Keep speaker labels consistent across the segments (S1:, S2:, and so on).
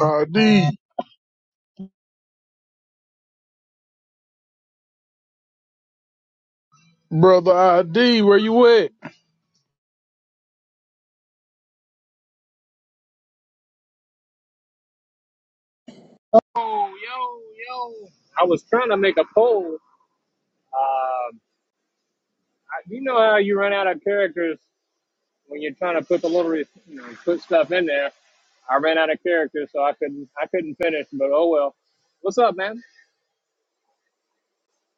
S1: ID, brother ID, where you at?
S2: yo, yo. yo. I was trying to make a poll. Um, I, you know how you run out of characters when you're trying to put the little, you know, put stuff in there. I ran out of characters, so I couldn't, I couldn't finish. But oh well. What's up, man?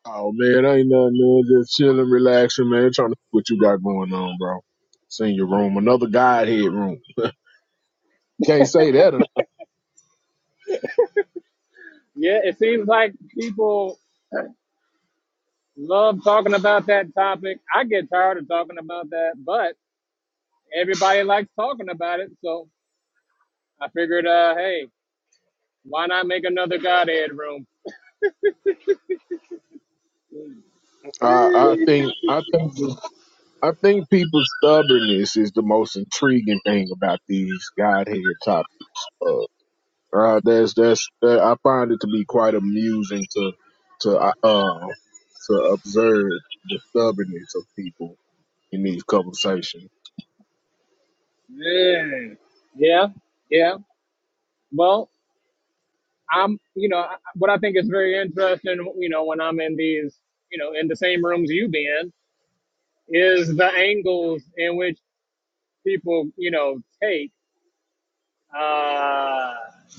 S1: Oh man, ain't nothing man. Just chilling, relaxing, man. Trying to see what you got going on, bro. Senior room, another godhead room. Can't say that. enough.
S2: Yeah, it seems like people love talking about that topic. I get tired of talking about that, but everybody likes talking about it. So I figured, uh, hey, why not make another Godhead room?
S1: I, I think,
S2: yeah,
S1: I think, I think people's stubbornness is the most intriguing thing about these godhead topics. Uh, uh, that's that's that, I find it to be quite amusing to to uh uh, to observe the stubbornness of people in these conversations.
S2: yeah. yeah. Well, I'm, you know, I- what I think is very interesting, you know, when I'm in these, you know, in the same rooms you be in, is the angles in which people, you know, take uh,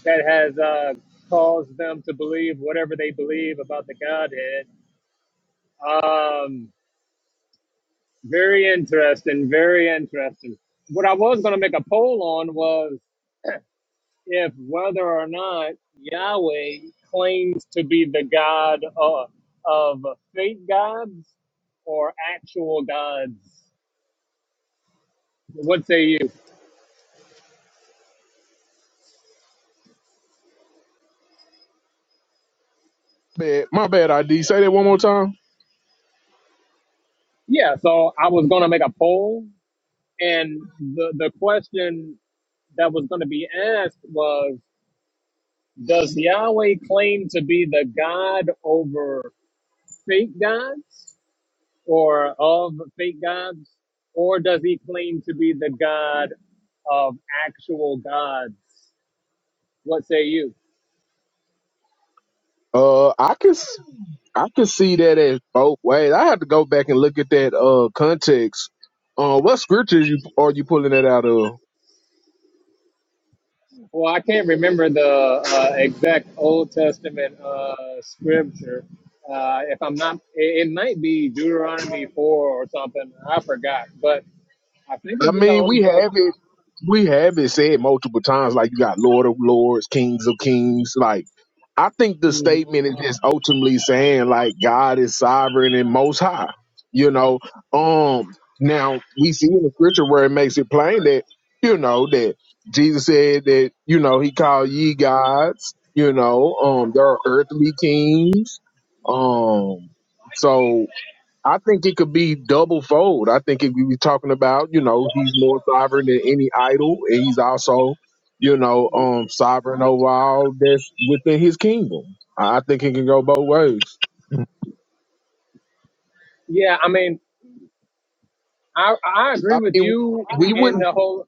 S2: that has uh, caused them to believe whatever they believe about the Godhead. Um, very interesting, very interesting. What I was going to make a poll on was if whether or not Yahweh claims to be the God of of fake gods or actual gods. What say you?
S1: Bad. My bad, ID. Say that one more time.
S2: Yeah, so I was going to make a poll, and the, the question that was going to be asked was Does Yahweh claim to be the God over fake gods or of fake gods? Or does he claim to be the God of actual gods? What say you?
S1: Uh, I can s- I can see that as both ways. I have to go back and look at that uh context. Uh, what scriptures you are you pulling that out of?
S2: Well, I can't remember the uh, exact Old Testament uh, scripture. Uh, if I'm not, it, it might be Deuteronomy 4 or something. I forgot, but I think
S1: I
S2: it's in the
S1: mean,
S2: Old
S1: we
S2: Testament.
S1: have it. We have it said multiple times. Like you got Lord of Lords, Kings of Kings. Like I think the
S2: Mhm.
S1: statement is just ultimately saying like God is sovereign and Most High. You know. Um. Now we see in the scripture where it makes it plain that you know that Jesus said that you know He called ye gods. You know. Um. There are earthly kings. Um. So I think it could be double fold. I think if we were talking about, you know, he's more sovereign than any idol, and he's also, you know, um, sovereign over all that's within his kingdom. I I think it can go both ways.
S2: Yeah, I mean, I, I agree
S1: I
S2: with
S1: mean,
S2: you
S1: we
S2: in
S1: wouldn't
S2: the whole.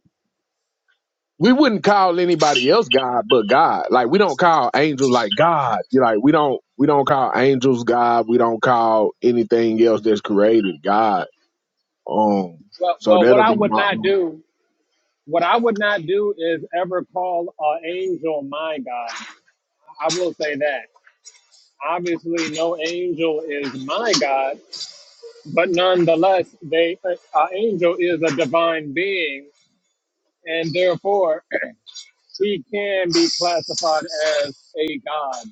S1: we wouldn't call anybody else God but God. Like we don't call angels like God. You like we don't we don't call angels God. We don't call anything else that's created God. Um,
S2: Well,
S1: so
S2: well, what
S1: that'll
S2: I
S1: be
S2: would
S1: my.
S2: not do, what I would not do is ever call an angel my God. I will say that. Obviously, no angel is my God, But nonetheless, they an angel is a divine being, and therefore he can be classified as a god,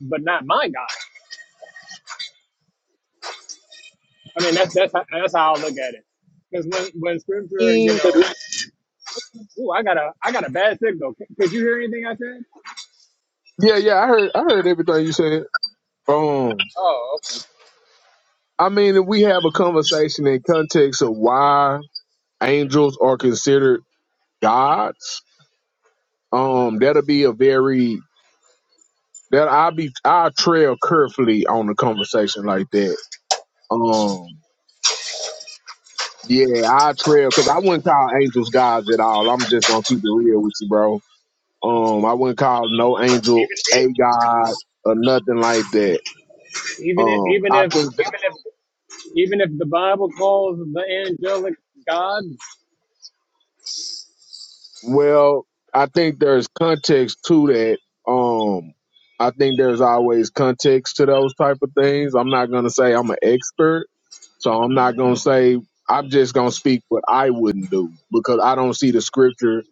S2: but not my god. I mean, that's that's how- that's how I look at it. Because when when scripture, you
S1: Yeah,
S2: know, ooh, I got a I got a bad signal. C- Could you hear anything I said?
S1: yeah, I heard I heard everything you said. Um,
S2: Oh, okay.
S1: I mean, if we have a conversation in context of why angels are considered gods, um, that'll be a very that I'll be I'll trail carefully on a conversation like that. Um, yeah, I trail because I wouldn't call angels gods at all. I'm just gonna keep it real with you, bro. Um, I wouldn't call no angel
S2: Even
S1: a
S2: if
S1: god or nothing like that.
S2: even if
S1: Um,
S2: even if
S1: I think
S2: even if even if the Bible calls the angelic gods,
S1: Well, I think there's context to that. Um, I think there's always context to those type of things. I'm not gonna say I'm an expert, so I'm not gonna say I'm just gonna speak what I wouldn't do because I don't see the scripture.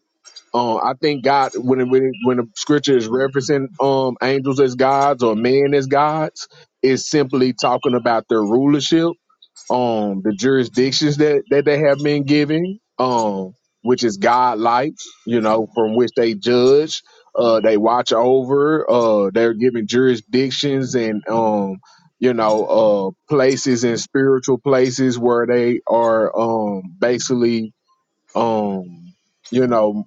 S1: Um, I think God when it, when it, when the scripture is referencing um angels as gods or men as gods, is simply talking about their rulership um the jurisdictions that that they have been given um which is godlike you know from which they judge uh they watch over uh they're given jurisdictions and um you know uh places and spiritual places where they are um basically um you know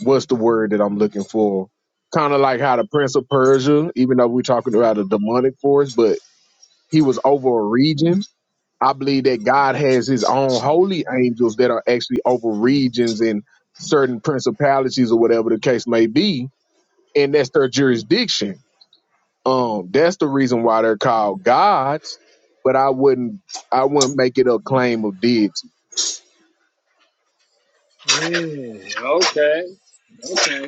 S1: what's the word that I'm looking for kind of like how the prince of persia even though we're talking about a demonic force but he was over a region I believe that God has his own holy angels that are actually over regions and certain principalities or whatever the case may be, and that's their jurisdiction. Um, that's the reason why they're called gods, but I wouldn't I wouldn't make it a claim of deity.
S2: Mm, okay, okay.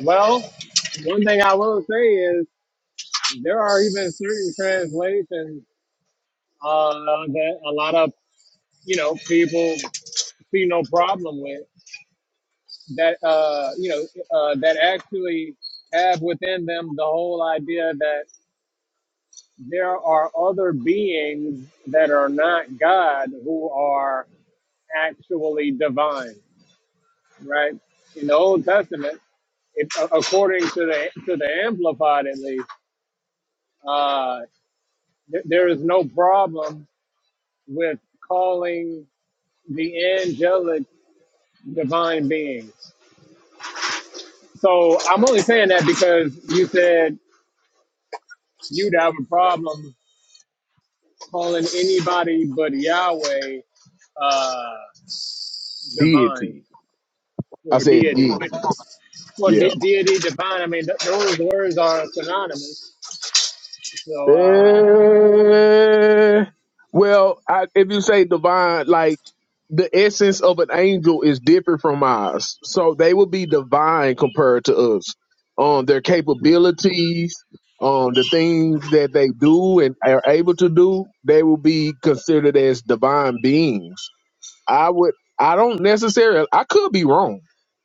S2: Well, one thing I will say is there are even certain translations uh, that a lot of you know people see no problem with that uh, you know uh, that actually have within them the whole idea that there are other beings that are not God who are actually divine, right? In the Old Testament, it, according to the to the Amplified at least. uh, Th- There is no problem with calling the angelic divine beings. So I'm only saying that because you said you'd have a problem calling anybody but Yahweh uh, divine
S1: Deity. I
S2: or
S1: said
S2: deity.
S1: deity.
S2: Which, well,
S1: Yeah.
S2: de- deity, divine, I mean, th- those words are synonymous. So, uh,
S1: Eh, well, I, if you say divine, like the essence of an angel is different from ours. So they will be divine compared to us. Um, their capabilities, um, the things that they do and are able to do, they will be considered as divine beings. I would, I don't necessarily, I could be wrong.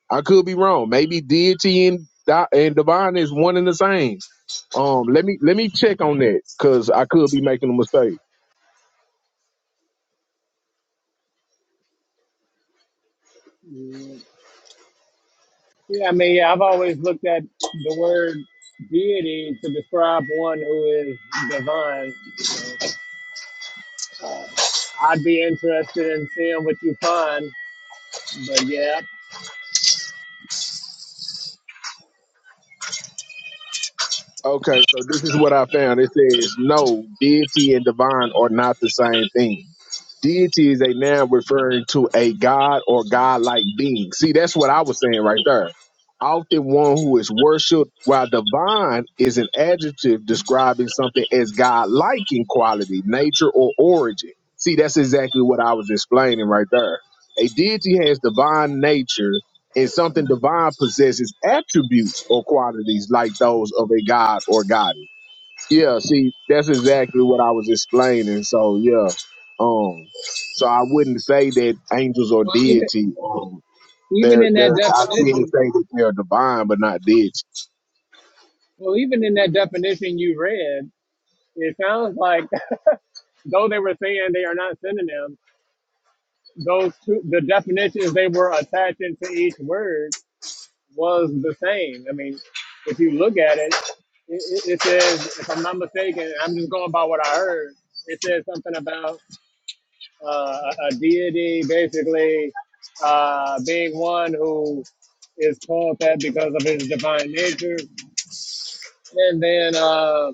S1: I could be wrong. Maybe deity and, di- and divine is one and the same. Um, let me, let me check on that because I could be making a mistake.
S2: yeah, I mean, yeah, I've always looked at the word deity to describe one who is divine. I'd be interested in seeing what you find. But yeah,
S1: Okay, so this is what I found. It says, no, deity and divine are not the same thing. Deity is a noun referring to a god or godlike being. See, that's what I was saying right there. Often one who is worshipped, while divine is an adjective describing something as godlike in quality, nature, or origin. See, that's exactly what I was explaining right there. A deity has divine nature and something divine possesses attributes or qualities like those of a god or goddess. Yeah, see, that's exactly what I was explaining. So yeah, um, so I wouldn't say that angels or
S2: well, even
S1: deity. Um,
S2: even
S1: they're
S2: in that
S1: they're I can't
S2: definition,
S1: say that they're divine, but not deity.
S2: well, even in that definition you read, it sounds like though they were saying they are not synonyms, those two, the definitions they were attaching to each word was the same. I mean, if you look at it, it, it it says, if I'm not mistaken, I'm just going by what I heard. It says something about uh, a deity, basically uh, being one who is called that because of his divine nature. And then uh,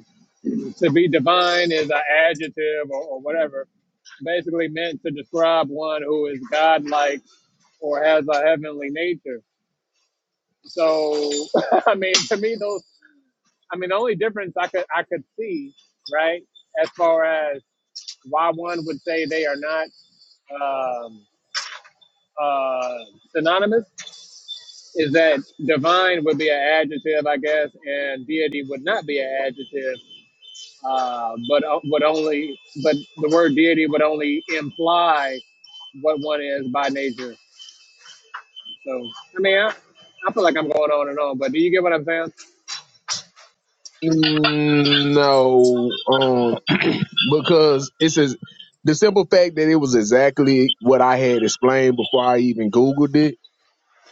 S2: to be divine is an adjective or, or whatever, basically meant to describe one who is godlike or has a heavenly nature. So, I mean, to me, those, I mean, the only difference I could, I could see, right, as far as why one would say they are not um, uh, synonymous is that divine would be an adjective, I guess, and deity would not be an adjective, uh, but uh, would only but the word deity would only imply what one is by nature. So I mean, I, I feel like I'm going on and on, but do you get what I'm saying?
S1: Mm, No, um, because it's a, the simple fact that it was exactly what I had explained before I even Googled it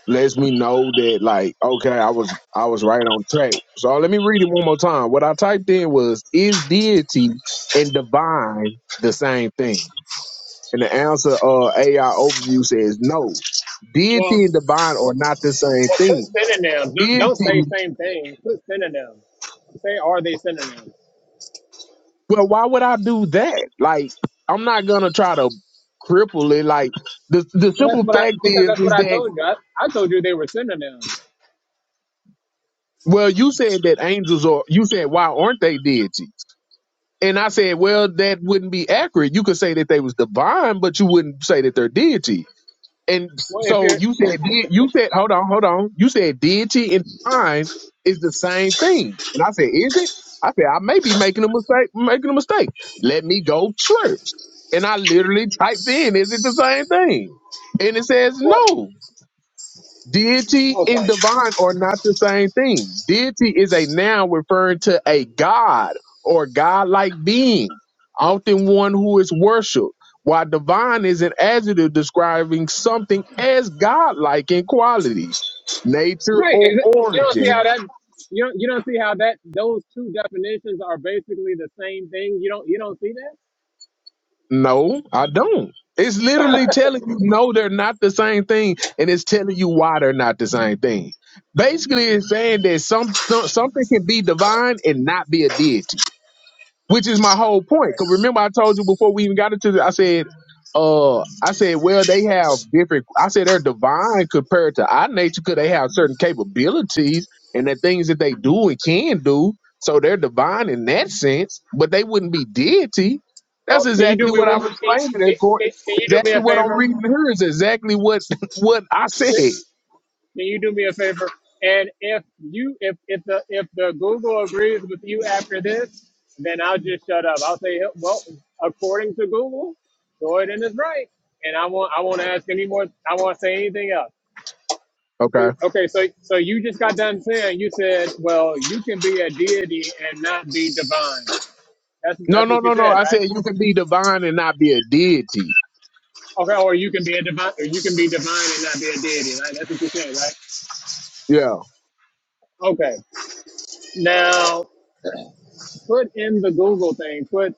S1: lets me know that like okay i was i was right on track so let me read it one more time what i typed in was is deity and divine the same thing and the answer uh ai overview says no
S2: Well,
S1: deity and divine are not the same
S2: put
S1: thing
S2: synonyms. Don't, don't say
S1: deity
S2: same thing. Put synonyms. Say are they synonyms?
S1: well why would i do that like i'm not gonna try to cripple it like the the
S2: Well, that's
S1: simple
S2: what I
S1: fact
S2: because
S1: is
S2: that's what
S1: is
S2: I
S1: that
S2: told you. I, I told you they were synonyms.
S1: well you said that angels are you said why aren't they deity And I said, well, that wouldn't be accurate. You could say that they was divine, but you wouldn't say that they're deity. And
S2: Well, if
S1: so
S2: you're
S1: you said, de- you said, hold on, hold on. You said deity and divine is the same thing. And I said, is it? I said, I may be making a mistake, making a mistake. Let me go search. And I literally typed in, is it the same thing? And it says
S2: well,
S1: no. Deity and
S2: okay.
S1: divine are not the same thing. Deity is a noun referring to a god or godlike being, often one who is worshipped, while divine is an adjective describing something as godlike in quality, nature,
S2: Right.
S1: or
S2: exa- You don't see how
S1: origin.
S2: that you don't you don't see how that those two definitions are basically the same thing. You don't you don't see that?
S1: No, I don't. It's literally telling you no, they're not the same thing, and it's telling you why they're not the same thing. Basically, it's saying that some something can be divine and not be a deity. which is my whole point. Cause remember I told you before we even got into this, I said, uh, I said, well, they have different. I said they're divine compared to our nature, cause they have certain capabilities and the things that they do and can do. So they're divine in that sense, but they wouldn't be deity.
S2: Well,
S1: That's
S2: can you do
S1: exactly
S2: me
S1: what I'm
S2: one? Can,
S1: explaining. That
S2: can,
S1: court,
S2: can can you do me a
S1: exactly what I'm
S2: favor?
S1: reading here is exactly what what I
S2: Can
S1: said.
S2: can you do me a favor? And if you if if the if the Google agrees with you after this, then I'll just shut up. I'll say, well, according to Google, Jordan is right, and I won't I won't ask any more. I won't say anything else.
S1: Okay.
S2: Okay, so so you just got done saying you said, well, you can be a deity and not be divine. That's
S1: No,
S2: that's
S1: no,
S2: what you
S1: no, no.
S2: said,
S1: I
S2: right?
S1: said you can be divine and not be a deity.
S2: Okay, or you can be a divine, or you can be divine and not be a deity, right? That's what you said, right?
S1: Yeah.
S2: Okay. Now put in the Google thing. Put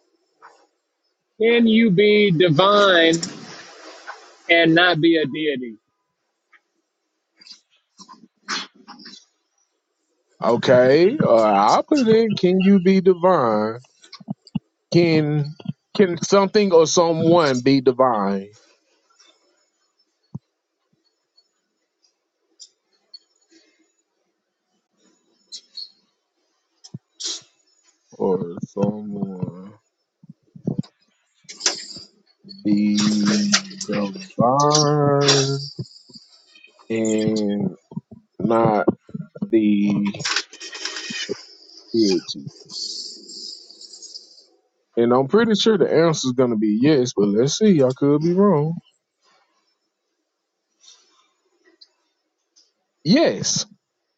S2: can you be divine and not be a deity?
S1: Okay, uh, I'll put it in. Can you be divine? Can can something or someone be divine? Or someone be divine and not the deity? And I'm pretty sure the answer is gonna be yes, but let's see. I could be wrong. Yes.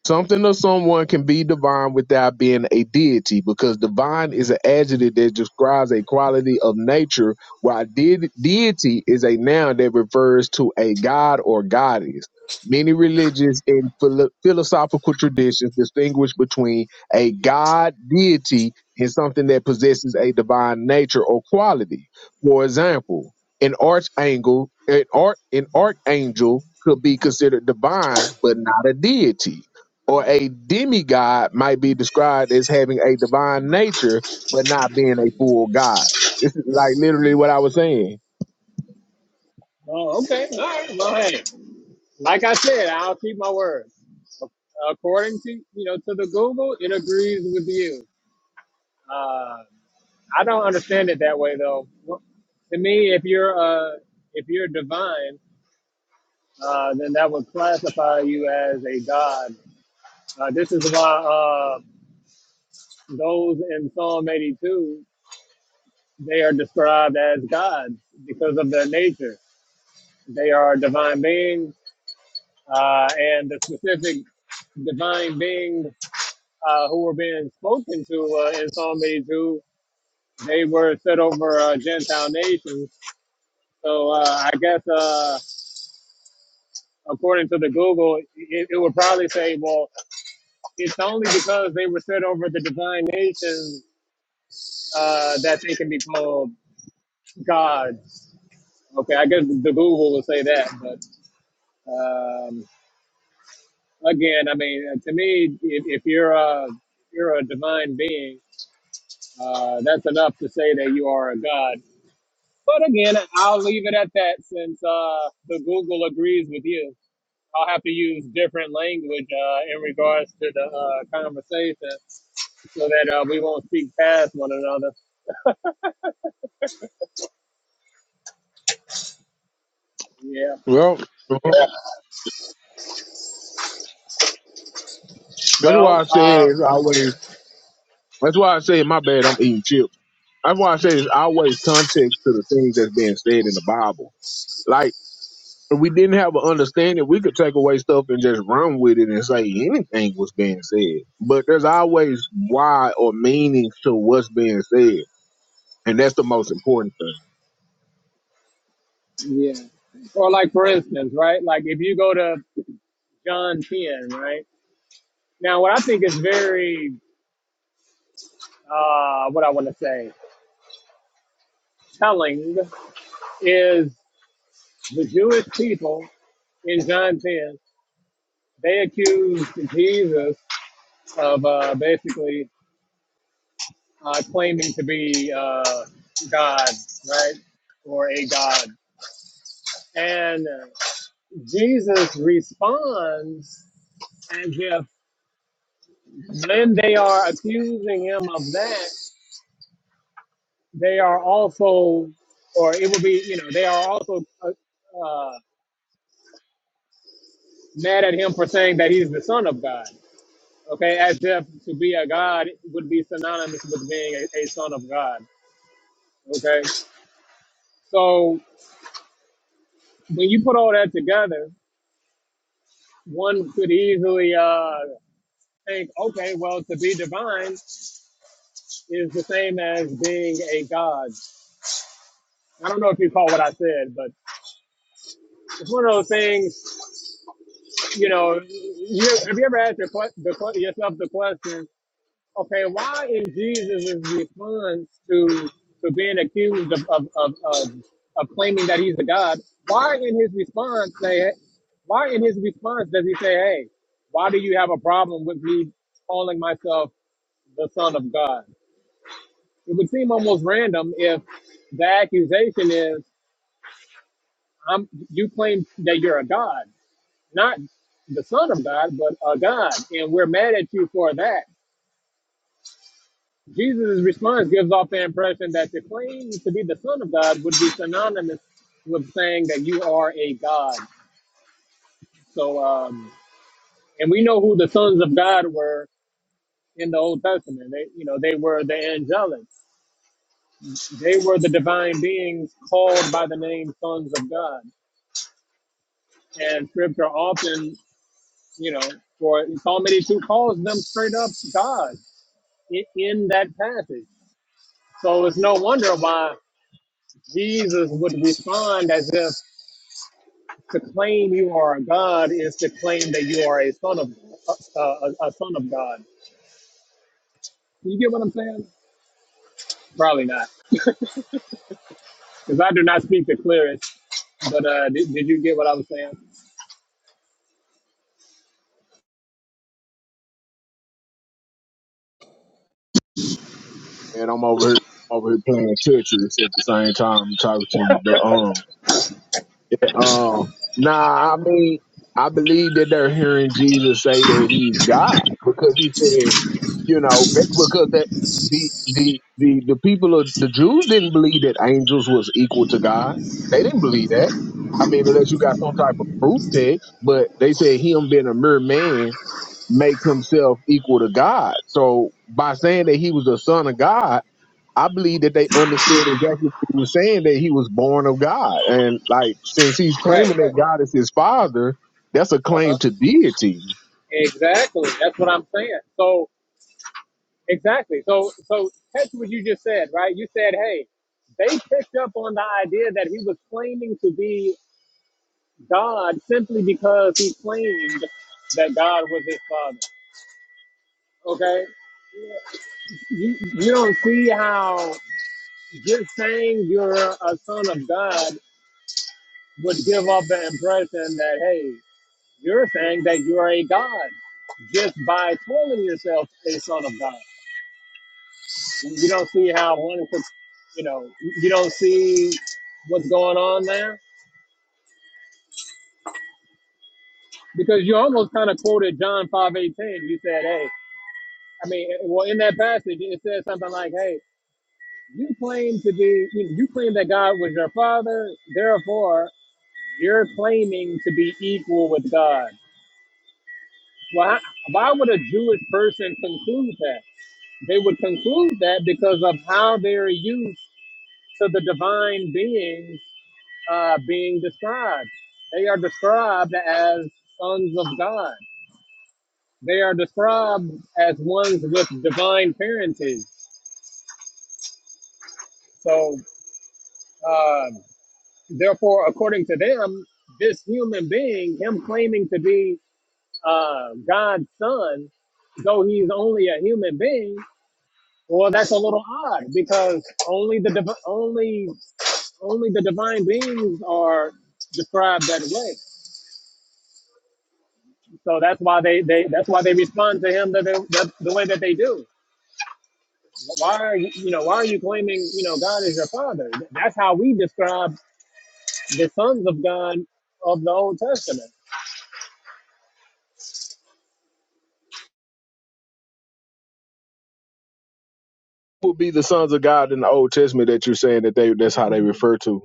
S1: Something or someone can be divine without being a deity because divine is an adjective that describes a quality of nature, while de- deity is a noun that refers to a god or goddess. Many religious and philo- philosophical traditions distinguish between a god deity and something that possesses a divine nature or quality. For example, an archangel, an, arch, an archangel could be considered divine but not a deity or a demigod might be described as having a divine nature but not being a full god. This is like literally what I was saying.
S2: Oh, okay. All right. Well, hey, like I said, I'll keep my word. According to you know to the Google, it agrees with you. Uh, I don't understand it that way though. Well, To me, if you're uh, if you're divine, uh, then that would classify you as a god. Uh, this is why uh, those in Psalm 82 they are described as gods because of their nature. They are divine beings, uh, and the specific divine beings uh, who were being spoken to uh, in Psalm 82, they were set over uh, Gentile nations. So uh, I guess. Uh, according to the Google, it, it would probably say, well, it's only because they were set over the divine nations uh, that they can be called gods. Okay, I guess the Google will say that, but um, again, I mean, uh, to me, if, if you're a if you're a divine being, uh, that's enough to say that you are a god. But again, I'll leave it at that since uh, the Google agrees with you. I'll have to use different language uh, in regards to the uh, conversation so that uh, we won't speak past one another. Yeah.
S1: Well, that's
S2: Well,
S1: why I said
S2: uh,
S1: it's always. That's why I say my bad. I'm eating chips. That's why I say it's always context to the things that's being said in the Bible. Like if we didn't have an understanding, we could take away stuff and just run with it and say anything was being said. But there's always why or meaning to what's being said, and that's the most important thing.
S2: yeah. Or like for instance, right? Like if you go to John 10, right? Now, what I think is very, uh, what I want to say, telling is the Jewish people in John 10, they accused Jesus of uh, basically uh, claiming to be uh, God, right? Or a God. And Jesus responds And if then they are accusing him of that, they are also, or it will be, you know, they are also uh, uh, mad at him for saying that he's the son of God. Okay, as if to be a god would be synonymous with being a, a son of God. Okay, so when you put all that together, one could easily uh, think, okay, well, to be divine is the same as being a god. I don't know if you caught what I said, but it's one of those things you know, you, have you ever asked your, que- the, que- yourself the question, okay, why is Jesus' is the response to to being accused of of, of, of of claiming that he's a god? Why in his response say, why in his response does he say, hey, why do you have a problem with me calling myself the son of God? It would seem almost random if the accusation is, I'm, you claim that you're a god. not the Son of God, but a God. And we're mad at you for that. Jesus' response gives off the impression that the claim to be the Son of God would be synonymous with saying that you are a God. So, um, and we know who the sons of God were in the Old Testament. They, you know, they were the angelic. They were the divine beings called by the name sons of God. And Scripture often, you know, for Psalm 82 calls them straight up God in, in that passage. So it's no wonder why Jesus would respond as if to claim you are a God is to claim that you are a son of a, a, a son of God. You get what I'm saying? Probably not, because I do not speak the clearest. But uh, did, did you get what I was saying?
S1: and I'm over here over here playing Tetris at the same time I'm talking to the um um nah I mean I believe that they're hearing Jesus say that he's God because he said you know that's because that the the the the people of the Jews didn't believe that angels was equal to God they didn't believe that I mean unless you got some type of proof text but they said him being a mere man makes himself equal to God so by saying that he was the son of God I believe that they understood exactly what he was saying that he was born of God. And like since he's
S2: Right,
S1: claiming that
S2: right.
S1: God is his father, that's a
S2: Uh-huh.
S1: claim to deity.
S2: Exactly. That's what I'm saying. So exactly. So so that's what you just said, right? You said, hey, they picked up on the idea that he was claiming to be God simply because he claimed that God was his father. Okay? You, you don't see how just saying you're a son of God would give off the impression that, hey, you're saying that you're a God just by calling yourself a son of God. You don't see how one could, you know, you don't see what's going on there because you almost kind of quoted John 5:18. You said, hey, I mean, well, in that passage, it says something like, hey, You claim to be, you, you claim that God was your father, therefore, you're claiming to be equal with God. Well, how, why would a Jewish person conclude that? They would conclude that because of how they're used to the divine beings uh, being described. They are described as sons of God, they are described as ones with divine parentage. So, uh, Therefore, according to them, this human being, him claiming to be uh, God's son, though he's only a human being, well, that's a little odd because only the div- only only the divine beings are described that way. So that's why they, they that's why they respond to him the, the, the way that they do. Why are you you know why are you claiming you know God is your father? That's how we describe the sons of God of the Old Testament.
S1: Who Would be the sons of God in the Old Testament that you're saying that they that's how they refer to.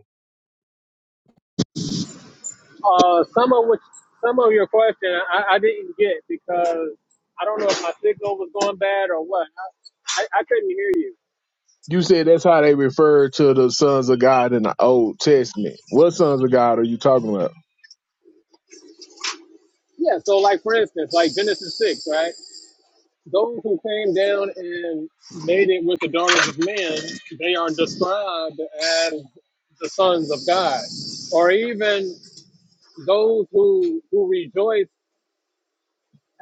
S2: Uh, some of which, some of your question I, I didn't get because I don't know if my signal was going bad or what. I, I, I couldn't hear you.
S1: You said that's how they refer to the sons of God in the Old Testament. What sons of God are you talking about?
S2: Yeah. So like for instance, like Genesis six, right? Those who came down and made it with the daughters of men, they are described as the sons of God, or even those who who rejoice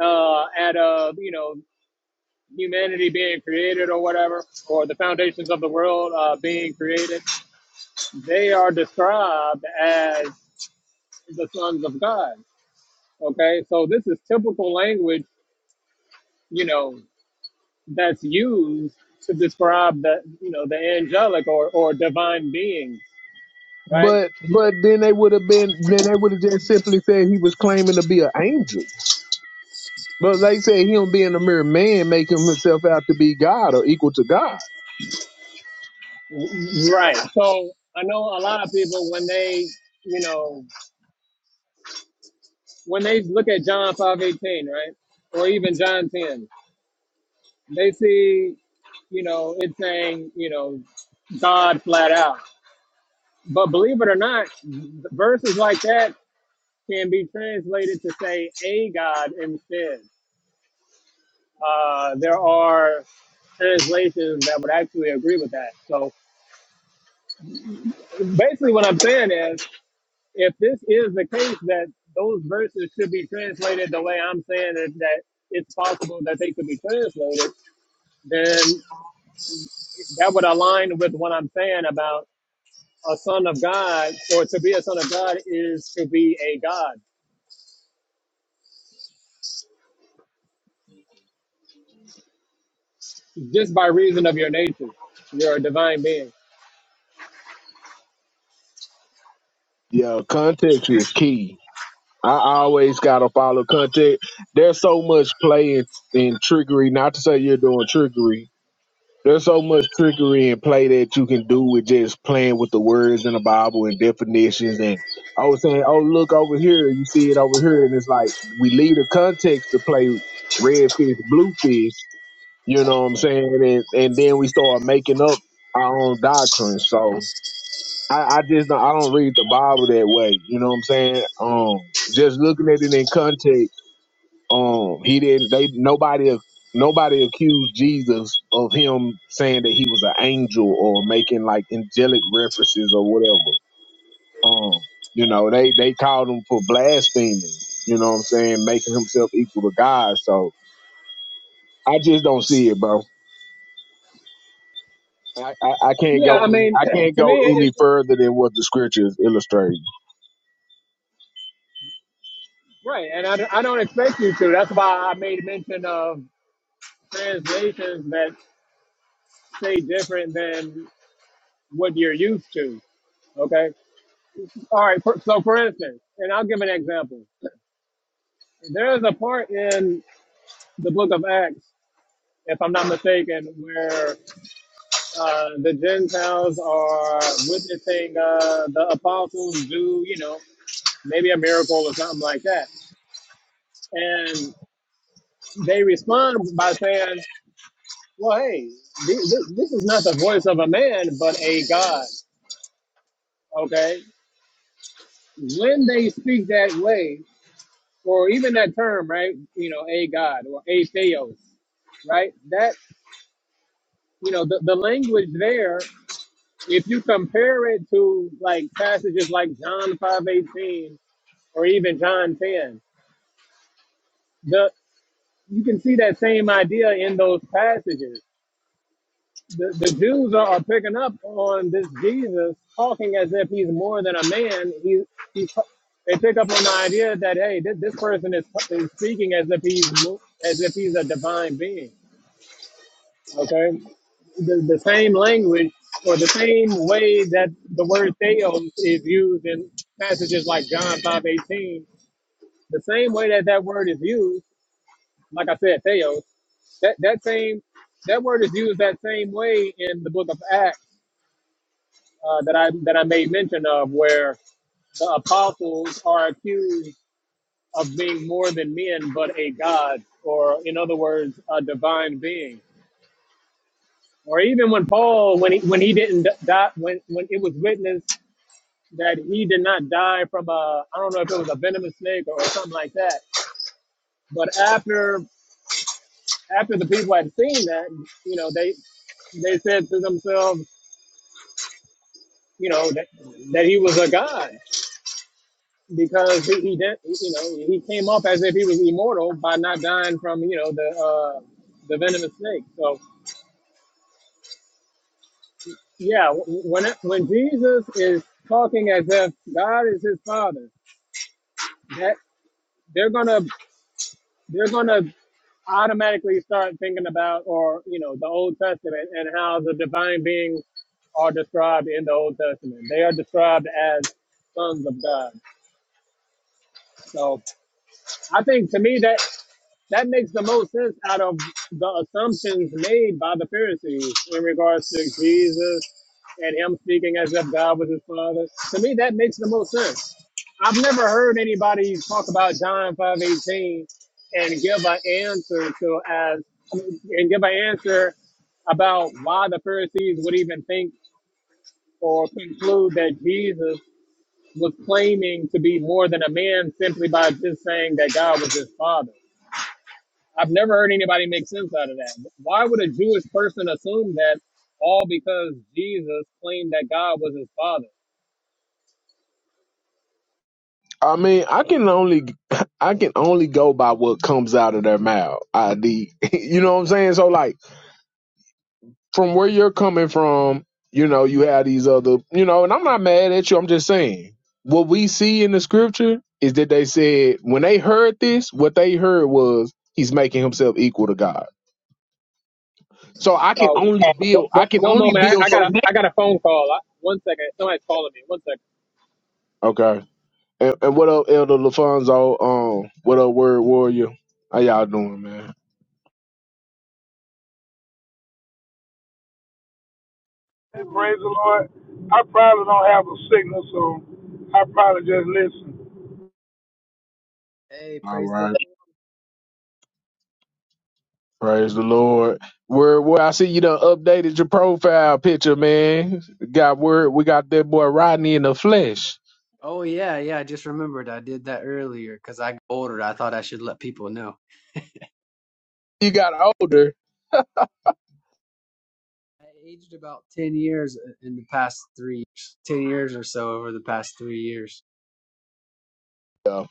S2: uh, at uh, you know humanity being created or whatever, or the foundations of the world uh, being created they are described as the sons of God. Okay, so this is typical language, you know, that's used to describe the, you know, the angelic or, or divine beings, right?
S1: But but then they would have been then they would have just simply said he was claiming to be an angel. But they say him being a mere man, making himself out to be God or equal to God.
S2: Right. So I know a lot of people when they, you know, when they look at John five eighteen, right, or even John ten, they see, you know, it's saying, you know, God flat out. But believe it or not, verses like that can be translated to say a god instead. Uh, there are translations that would actually agree with that. So basically, what I'm saying is, if this is the case, that those verses should be translated the way I'm saying it, that it's possible that they could be translated, then that would align with what I'm saying about a son of God, or to be a son of God is to be a God, just by reason of your nature, your divine being.
S1: Yeah, context is key. I always gotta follow context. There's so much play in and trickery. Not to say you're doing trickery. There's so much trickery and play that you can do with just playing with the words in the Bible and definitions. And I was saying, oh look over here, you see it over here, and it's like we leave the context to play red fish, blue fish. You know what I'm saying? And and then we start making up our own doctrine. So I, I just don't, I don't read the Bible that way. You know what I'm saying? Um, just looking at it in context, um, he didn't. They nobody nobody accused Jesus of him saying that he was an angel or making like angelic references or whatever. Um, you know they they called him for blaspheming. You know what I'm saying? Making himself equal to God. So I just don't see it, bro. I, I, I can't
S2: Yeah,
S1: go
S2: I mean,
S1: I can't
S2: to me,
S1: go
S2: it,
S1: any further than what the scriptures illustrate.
S2: Right, and I, I don't expect you to. That's why I made mention of translations that say different than what you're used to. Okay. All right. For, so, for instance, and I'll give an example. There is a part in the book of Acts, if I'm not mistaken, where uh, the Gentiles are witnessing uh, the apostles do, you know, maybe a miracle or something like that. And they respond by saying, Well, hey, this, this is not the voice of a man, but a God. Okay, when they speak that way, or even that term, right? You know, a God or a theos, right? That you know, the, the language there. If you compare it to like passages like John five eighteen or even John ten, the you can see that same idea in those passages. the, the Jews are, are picking up on this Jesus talking as if he's more than a man. He, he they pick up on the idea that hey, this, this person is, is speaking as if he's mo- as if he's a divine being. Okay, the, the same language or the same way that the word theos is used in passages like John five eighteen. The same way that that word is used, like I said, theos. That that same that word is used that same way in the book of Acts uh, that I that I made mention of, where the apostles are accused of being more than men, but a god, or in other words, a divine being. Or even when Paul, when he when he didn't die, when when it was witnessed that he did not die from a I don't know if it was a venomous snake or something like that. But after after the people had seen that, you know, they they said to themselves, you know, that, that he was a god. because he, he did, you know, he came off as if he was immortal by not dying from, you know, the uh, the venomous snake. So yeah, when when Jesus is talking as if God is his father, that they're gonna they're gonna automatically start thinking about or you know the Old Testament and how the divine beings are described in the Old Testament. They are described as sons of God. So I think to me that. that makes the most sense out of the assumptions made by the Pharisees in regards to Jesus and him speaking as if God was his father. To me, that makes the most sense. I've never heard anybody talk about John five eighteen and give an answer to as and give an answer about why the Pharisees would even think or conclude that Jesus was claiming to be more than a man simply by just saying that God was his father. I've never heard anybody make sense out of that. Why would a Jewish person assume that all because Jesus claimed that God was his father?
S1: I mean, I can only I can only go by what comes out of their mouth. ID, you know what I'm saying? So like from where you're coming from, you know, you have these other, you know, and I'm not mad at you. I'm just saying what we see in the scripture is that they said when they heard this, what they heard was he's making himself equal to God. So I can
S2: Oh,
S1: only
S2: one,
S1: build. I
S2: one
S1: can
S2: one
S1: only
S2: moment. I,
S1: build
S2: I got a
S1: from there.
S2: I got a phone call. I, one second. Somebody's calling me. One second.
S1: Okay. And, and what up, Elder Lafonso? Um, what up, Word Warrior? How y'all doing, man?
S3: And praise the Lord. I probably don't have a signal, so I probably just listen.
S4: Hey,
S1: All
S4: praise the
S1: right.
S4: Lord.
S1: Praise the Lord. Where where I see you done updated your profile picture, man. Got word we got that boy Rodney in the flesh.
S4: Oh yeah, yeah. I just remembered I did that earlier because I got older. I thought I should let people know.
S1: You got older.
S4: I aged about ten years uh, in the past three years, ten years or so over the past three years.
S1: Yeah,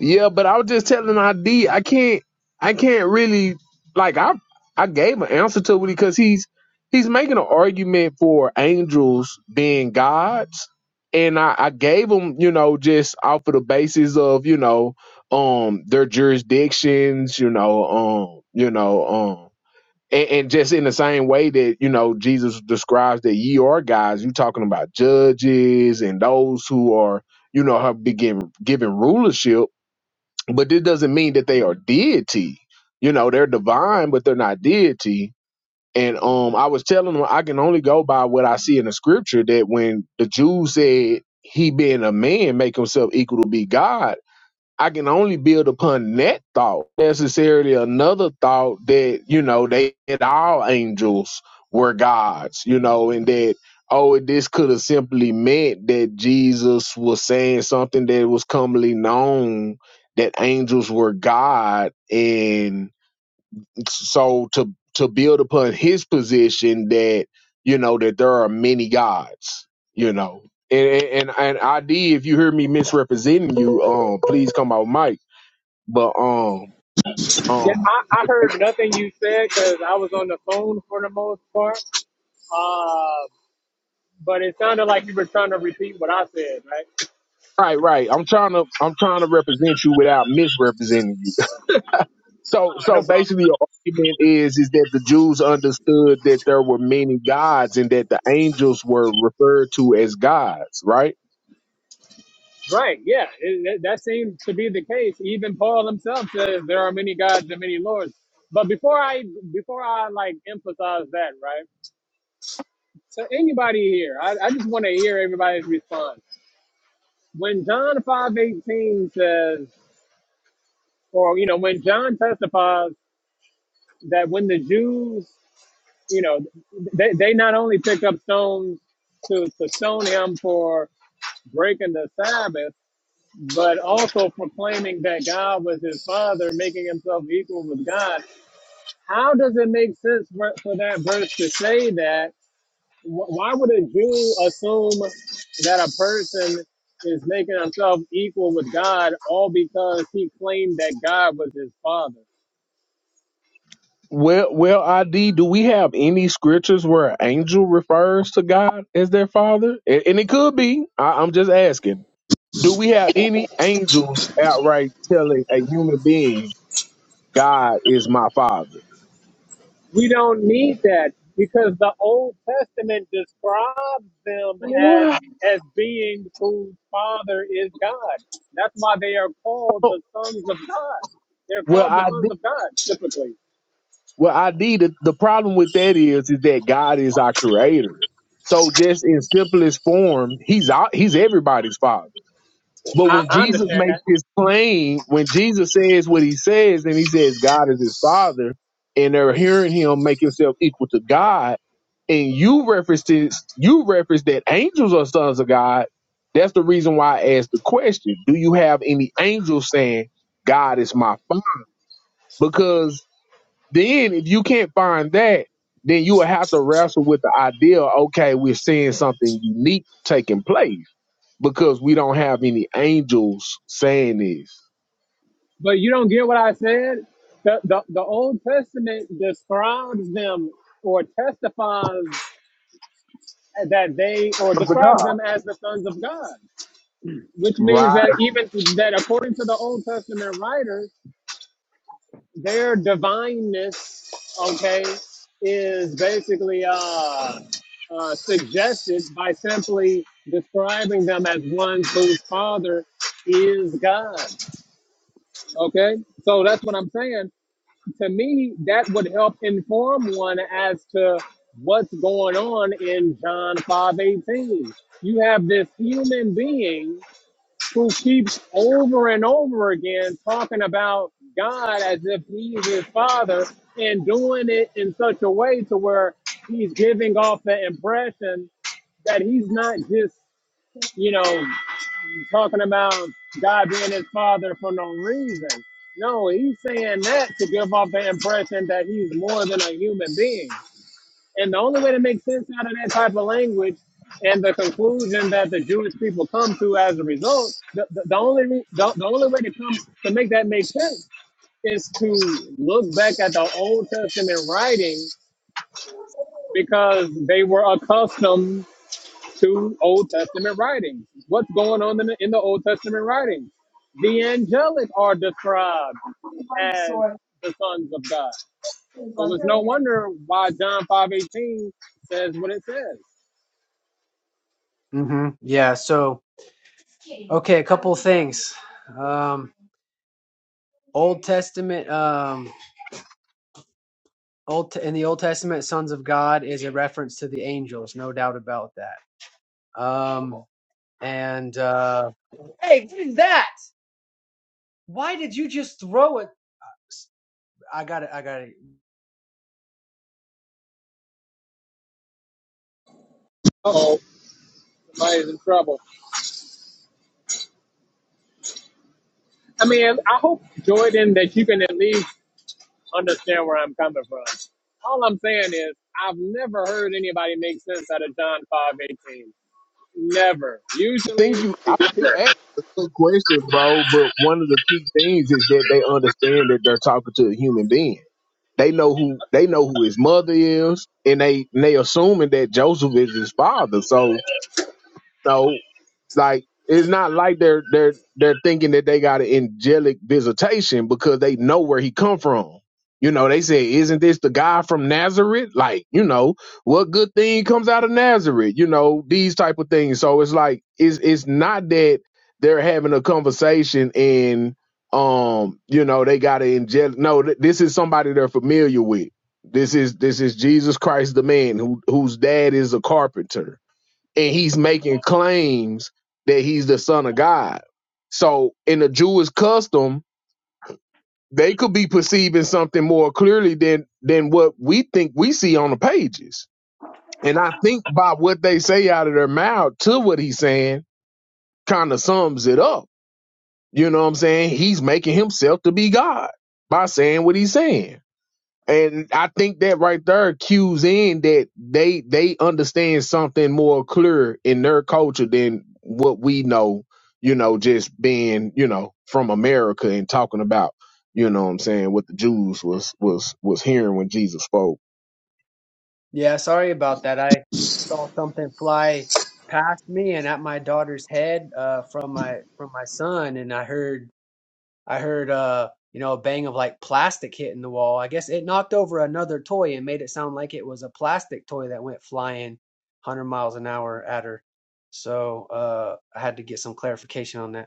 S1: Yeah, but I was just telling ID I can't I can't really like I I gave an answer to it because he's he's making an argument for angels being gods. And I, I gave him, you know, just off of the basis of, you know, um their jurisdictions, you know, um, you know, um, and, and just in the same way that you know jesus describes that ye are guys you talking about judges and those who are you know have been given given rulership but this doesn't mean that they are deity you know they're divine but they're not deity and um i was telling them i can only go by what i see in the scripture that when the jews said he being a man make himself equal to be god I can only build upon that thought. Necessarily another thought that, you know, they that all angels were gods, you know, and that oh this could have simply meant that Jesus was saying something that was commonly known that angels were God and so to to build upon his position that, you know, that there are many gods, you know. And and and and ID, if you hear me misrepresenting you, um, please come out, Mike but um
S2: Yeah,
S1: um
S2: I, I heard nothing you said because I was on the phone for the most part. Uh, but it sounded like you were trying to repeat what I said, right?
S1: right right I'm trying to I'm trying to represent you without misrepresenting you. So
S2: Uh, no
S1: so
S2: problem.
S1: basically your argument is is that the Jews understood that there were many gods and that the angels were referred to as gods, right?
S2: Right. Yeah. It, it- that seems to be the case. Even Paul himself says there are many gods and many lords. But before I before I like emphasize that, right? So anybody here, I, I just want to hear everybody's response. When John five eighteen says, or you know, when John testifies that when the Jews, you know, they, they not only pick up stones to, to stone him for breaking the Sabbath, but also proclaiming that God was his father, making himself equal with God. How does it make sense for, for that verse to say that? Wh- Why would a Jew assume that a person is making himself equal with God all because he claimed that God was his father?
S1: Well well ID, do we have any scriptures where an angel refers to God as their father? And, and it could be. I, I'm just asking. Do we have any angels outright telling a human being God is my father?
S2: We don't need that because the Old Testament describes them as
S1: wow.
S2: as beings whose father is God. That's why they are called the sons of God. They're
S1: Well,
S2: called the
S1: I
S2: sons
S1: thi-
S2: of God typically.
S1: well, I did. The, the problem with that is, is that God is our creator. So just in simplest form, he's out, he's everybody's father. But
S2: I,
S1: when
S2: I
S1: Jesus
S2: understand that,
S1: makes this claim, when Jesus says what he says, and he says God is his father, and they're hearing him make himself equal to God, and you reference this, you reference that angels are sons of God. That's the reason why I asked the question: Do you have any angels saying God is my father? Because Then if you can't find that, then you will have to wrestle with the idea, okay, we're seeing something unique taking place because we don't have any angels saying this.
S2: but you don't get what I said. The, the the Old Testament describes them or testifies that they or
S1: Of the
S2: describes
S1: God.
S2: them as the sons of God, which means
S1: Right.
S2: that even that according to the Old Testament writers their divineness, okay, is basically uh, uh, suggested by simply describing them as ones whose father is God. Okay, so that's what I'm saying. To me, that would help inform one as to what's going on in John 5:18. You have this human being who keeps over and over again talking about God as if he's his father and doing it in such a way to where he's giving off the impression that he's not just, you know, talking about God being his father for no reason. No, he's saying that to give off the impression that he's more than a human being. And the only way to make sense out of that type of language and the conclusion that the Jewish people come to as a result, the, the, the only re- the, the only way to come to make that make sense is to look back at the Old Testament writing because they were accustomed to Old Testament writings. What's going on in the, in the Old Testament writings? The angelic are described as the sons of God. So it's no
S4: Mm-hmm.
S2: wonder why John 5.18 says what it says.
S4: Yeah. So, okay, a couple of things. Um, Old Testament, um, Old in the Old Testament, sons of God is a reference to the angels, no doubt about that. Um, and uh, Hey, what is that? Why did you just throw it? I got it. I got it.
S2: Somebody's in trouble. I mean, I hope Jordan that you can at least understand where I'm coming from. All I'm saying is I've never heard anybody make sense out of John five eighteen. Never.
S1: I
S2: Usually,
S1: think you I think
S2: is
S1: you asked a good question, bro, but one of the key things is that they understand that they're talking to a human being. They know who they know who his mother is, and they and they assuming that Joseph is his father. So no. Like it's not like they're they're they're thinking that they got an angelic visitation because they know where he come from. You know, they say, "Isn't this the guy from Nazareth?" Like, you know, what good thing comes out of Nazareth? You know, these type of things. So it's like it's it's not that they're having a conversation and um, you know, they got an angelic. No, th- this is somebody they're familiar with. This is this is Jesus Christ, the man who whose dad is a carpenter and he's making claims that he's the son of God. So in the Jewish custom, they could be perceiving something more clearly than than what we think we see on the pages. And I think by what they say out of their mouth to what he's saying kind of sums it up. You know what I'm saying? He's making himself to be God by saying what he's saying. And I think that right there cues in that they they understand something more clear in their culture than what we know, you know, just being, you know, from America and talking about, you know what I'm saying, what the Jews was was was hearing when Jesus spoke.
S4: Yeah, sorry about that. I saw something fly past me and at my daughter's head uh, from my from my son, and I heard I heard uh you know a bang of like plastic hitting the wall. I guess it knocked over another toy and made it sound like it was a plastic toy that went flying 100 miles an hour at her. So uh, I had to get some clarification on that.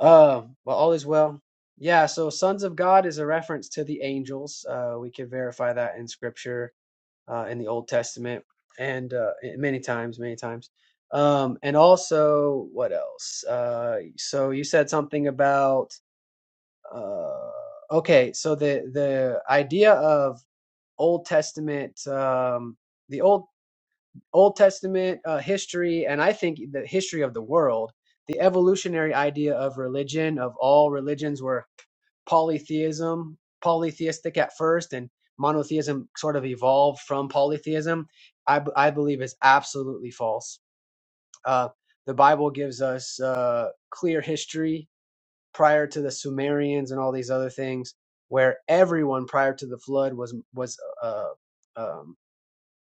S4: Uh, but all is well. Yeah, so sons of God is a reference to the angels. Uh, we can verify that in scripture, uh, in the Old Testament, and uh, many times, many times. Um, and also, what else? Uh, so you said something about, uh, okay, so the the idea of Old Testament, um, the old. Old Testament uh, history, and I think the history of the world, the evolutionary idea of religion, of all religions, were polytheism, polytheistic at first, and monotheism sort of evolved from polytheism, I, b- I believe is absolutely false. Uh, the Bible gives us uh, clear history prior to the Sumerians and all these other things, where everyone prior to the flood was was uh, um,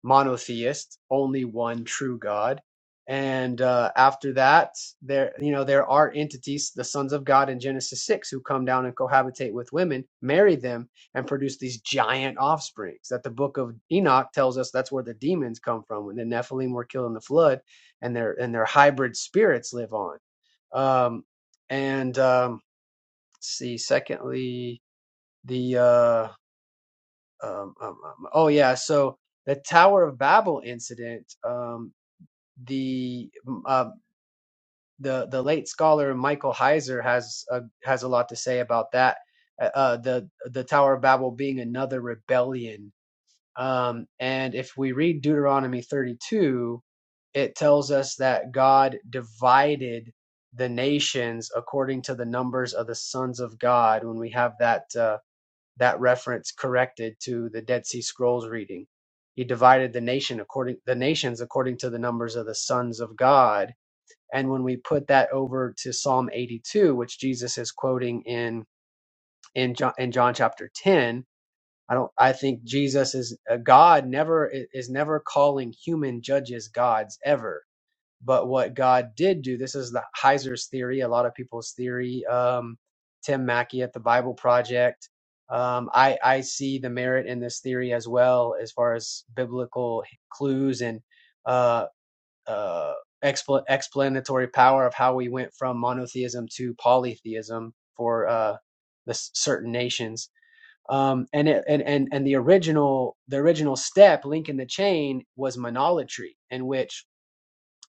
S4: monotheist, only one true God. And uh, after that, there you know there are entities, the sons of God in Genesis six, who come down and cohabitate with women, marry them, and produce these giant offsprings. That the book of Enoch tells us that's where the demons come from when the Nephilim were killed in the flood, and their and their hybrid spirits live on. Um, and um, let's see, secondly, the uh, um, um, um, oh yeah, so the Tower of Babel incident. Um, the mm, uh, the the late scholar Michael Heiser has a, has a lot to say about that. Uh, uh, the the Tower of Babel being another rebellion. Um, and if we read Deuteronomy 32, it tells us that God divided the nations according to the numbers of the sons of God. When we have that. uh, that reference corrected to the Dead Sea Scrolls reading. He divided the nation according the nations according to the numbers of the sons of God. And when we put that over to Psalm 82, which Jesus is quoting in in John, in John chapter 10, I don't I think Jesus is uh, God never is never calling human judges gods ever but what God did do, this is the Heiser's theory, a lot of people's theory. Um, Tim Mackey at the Bible Project. Um, I, I see the merit in this theory as well, as far as biblical clues and uh, uh, expla explanatory power of how we went from monotheism to polytheism for uh, the s- certain nations. Um, and, it, and and and the original the original step, link in the chain, was monolatry, in which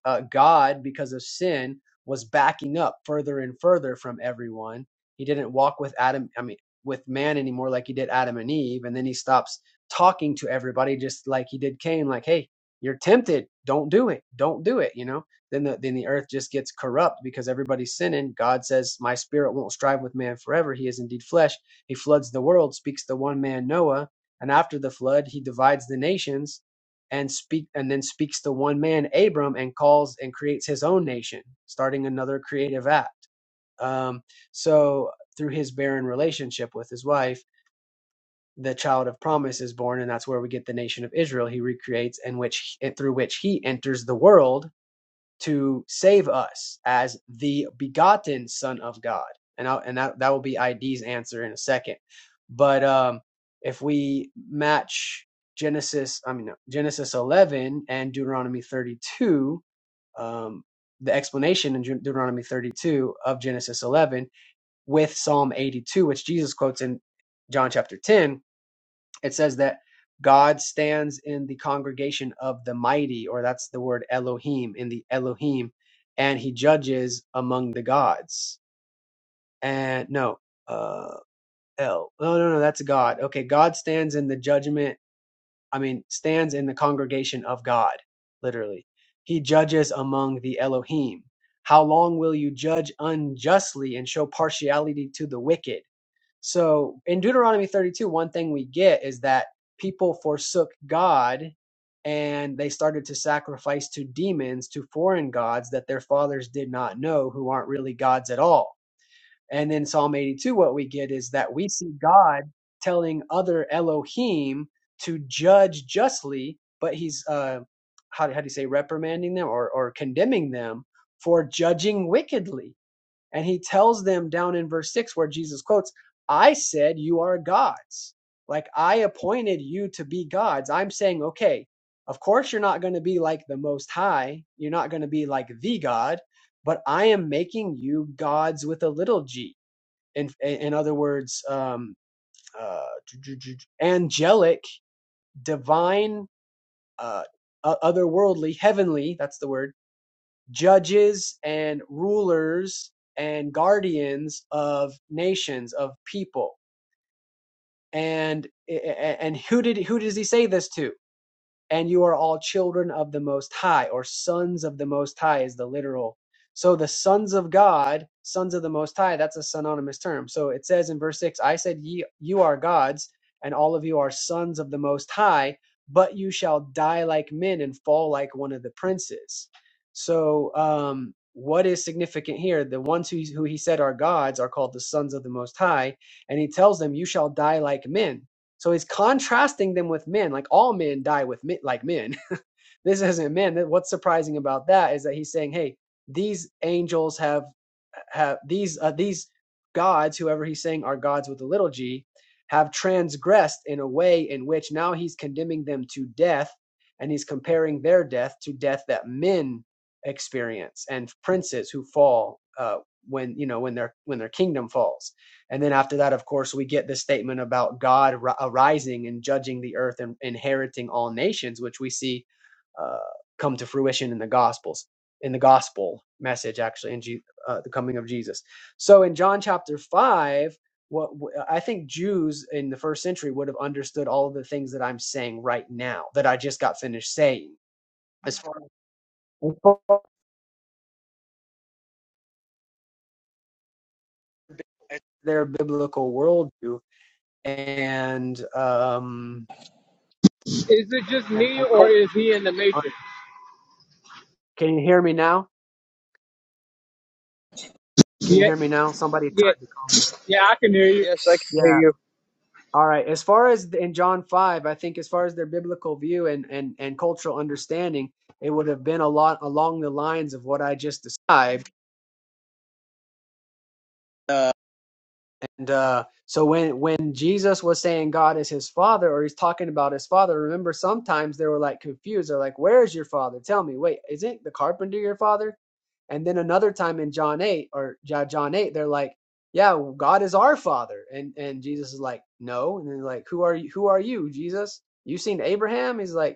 S4: uh, God, because of sin, was backing up further and further from everyone. He didn't walk with Adam, I mean, with man anymore like he did Adam and Eve. And then he stops talking to everybody just like he did Cain, like, hey, you're tempted. Don't do it. Don't do it. You know, then the, then the earth just gets corrupt because everybody's sinning. God says, my spirit won't strive with man forever. He is indeed flesh. He floods the world, speaks to one man, Noah. And after the flood, he divides the nations and speak and then speaks to one man abram and calls and creates his own nation starting another creative act um, so through his barren relationship with his wife the child of promise is born and that's where we get the nation of israel he recreates and which through which he enters the world to save us as the begotten Son of God. And I, and that that will be ID's answer in a second. But um, if we match Genesis, I mean no, Genesis 11 and Deuteronomy 32, um, the explanation in Deuteronomy 32 of Genesis 11 with Psalm 82, which Jesus quotes in John chapter 10 it says that God stands in the congregation of the mighty, or that's the word Elohim, in the Elohim, and he judges among the gods. And no, uh, El. No, no, no, that's God. Okay, God stands in the judgment, I mean, stands in the congregation of God, literally. He judges among the Elohim. How long will you judge unjustly and show partiality to the wicked? So in Deuteronomy 32, one thing we get is that people forsook God and they started to sacrifice to demons, to foreign gods that their fathers did not know, who aren't really gods at all. And then Psalm 82, what we get is that we see God telling other Elohim to judge justly, but he's, uh, how, how do you say, reprimanding them or, or condemning them for judging wickedly and he tells them down in verse 6 where Jesus quotes, I said you are gods. Like I appointed you to be gods. I'm saying, okay, of course you're not going to be like the most high. You're not going to be like the God, but I am making you gods with a little g. In, in other words, um, uh, angelic, divine, uh, otherworldly, heavenly, that's the word judges and rulers and guardians of nations of people and and who did who does he say this to and you are all children of the Most High, or sons of the Most High is the literal. So the sons of God, sons of the Most High, that's a synonymous term. So it says in verse 6, I said, Ye, You are gods, and all of you are sons of the Most High, but you shall die like men and fall like one of the princes. So, um, what is significant here? The ones who, who he said are gods are called the sons of the Most High, and he tells them, You shall die like men so he's contrasting them with men, like all men die with men, like men this isn't man. What's surprising about that is that he's saying, hey, these angels have have these uh, these gods, whoever he's saying are gods with a little g, have transgressed in a way in which now he's condemning them to death, and he's comparing their death to death that men experience and princes who fall uh, when you know when their when their kingdom falls. And then after that, of course, we get the statement about God arising and judging the earth and inheriting all nations, which we see uh, come to fruition in the gospels in the gospel message actually in Je- uh, the coming of jesus so in john chapter 5 what I think jews in the first century would have understood all of the things that i'm saying right now that i just got finished saying as far as as, far as their biblical worldview and um
S2: it
S4: and,
S2: just me
S4: and
S2: or
S4: cult-
S2: is he in the matrix?
S4: can you hear me now can you
S2: Yeah,
S4: hear me now somebody
S2: yeah,
S4: tried to call me
S2: yeah. I can hear you.
S5: Yes, I can hear
S4: Yeah.
S5: you.
S4: All right. As far as in John 5, I think as far as their biblical view and, and, and cultural understanding, it would have been a lot along the lines of what I just described. Uh, and uh, so when, when Jesus was saying God is his father, or he's talking about his father, remember sometimes they were like confused. They're like, Where is your father? Tell me, wait, isn't the carpenter your father? And then another time in John 8 or Ja- John 8, they're like, yeah, God is our father. And, and Jesus is like, no. And they're like, who are you? Who are you, Jesus? You seen Abraham? He's like,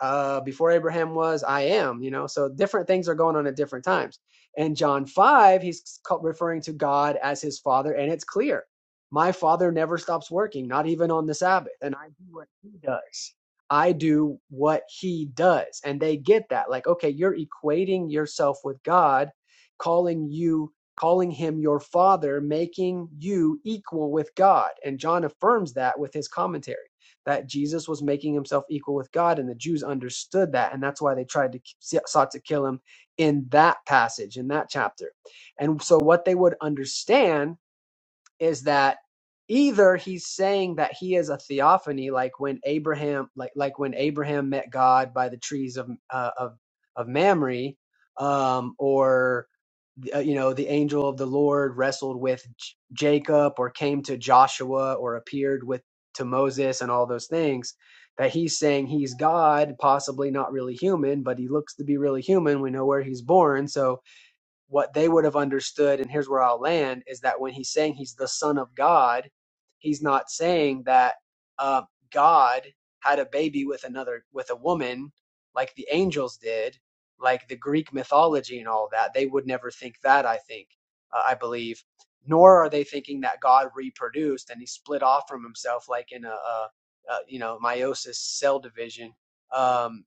S4: uh, before Abraham was, I am, you know. So different things are going on at different times. And John 5, he's referring to God as his father, and it's clear. My father never stops working, not even on the Sabbath, and I do what he does. I do what he does. And they get that. Like, okay, you're equating yourself with God, calling you, calling him your father, making you equal with God. And John affirms that with his commentary that Jesus was making himself equal with God, and the Jews understood that, and that's why they tried to sought to kill him in that passage, in that chapter. And so, what they would understand is that either he's saying that he is a theophany, like when Abraham, like like when Abraham met God by the trees of uh, of of Mamre, um, or uh, you know the angel of the lord wrestled with J- jacob or came to joshua or appeared with to moses and all those things that he's saying he's god possibly not really human but he looks to be really human we know where he's born so what they would have understood, and here's where I'll land, is that when he's saying he's the Son of God, he's not saying that uh, God had a baby with another with a woman like the angels did, like the Greek mythology and all that. They would never think that. I think, uh, I believe, nor are they thinking that God reproduced and he split off from himself like in a, a, a you know meiosis cell division. Um,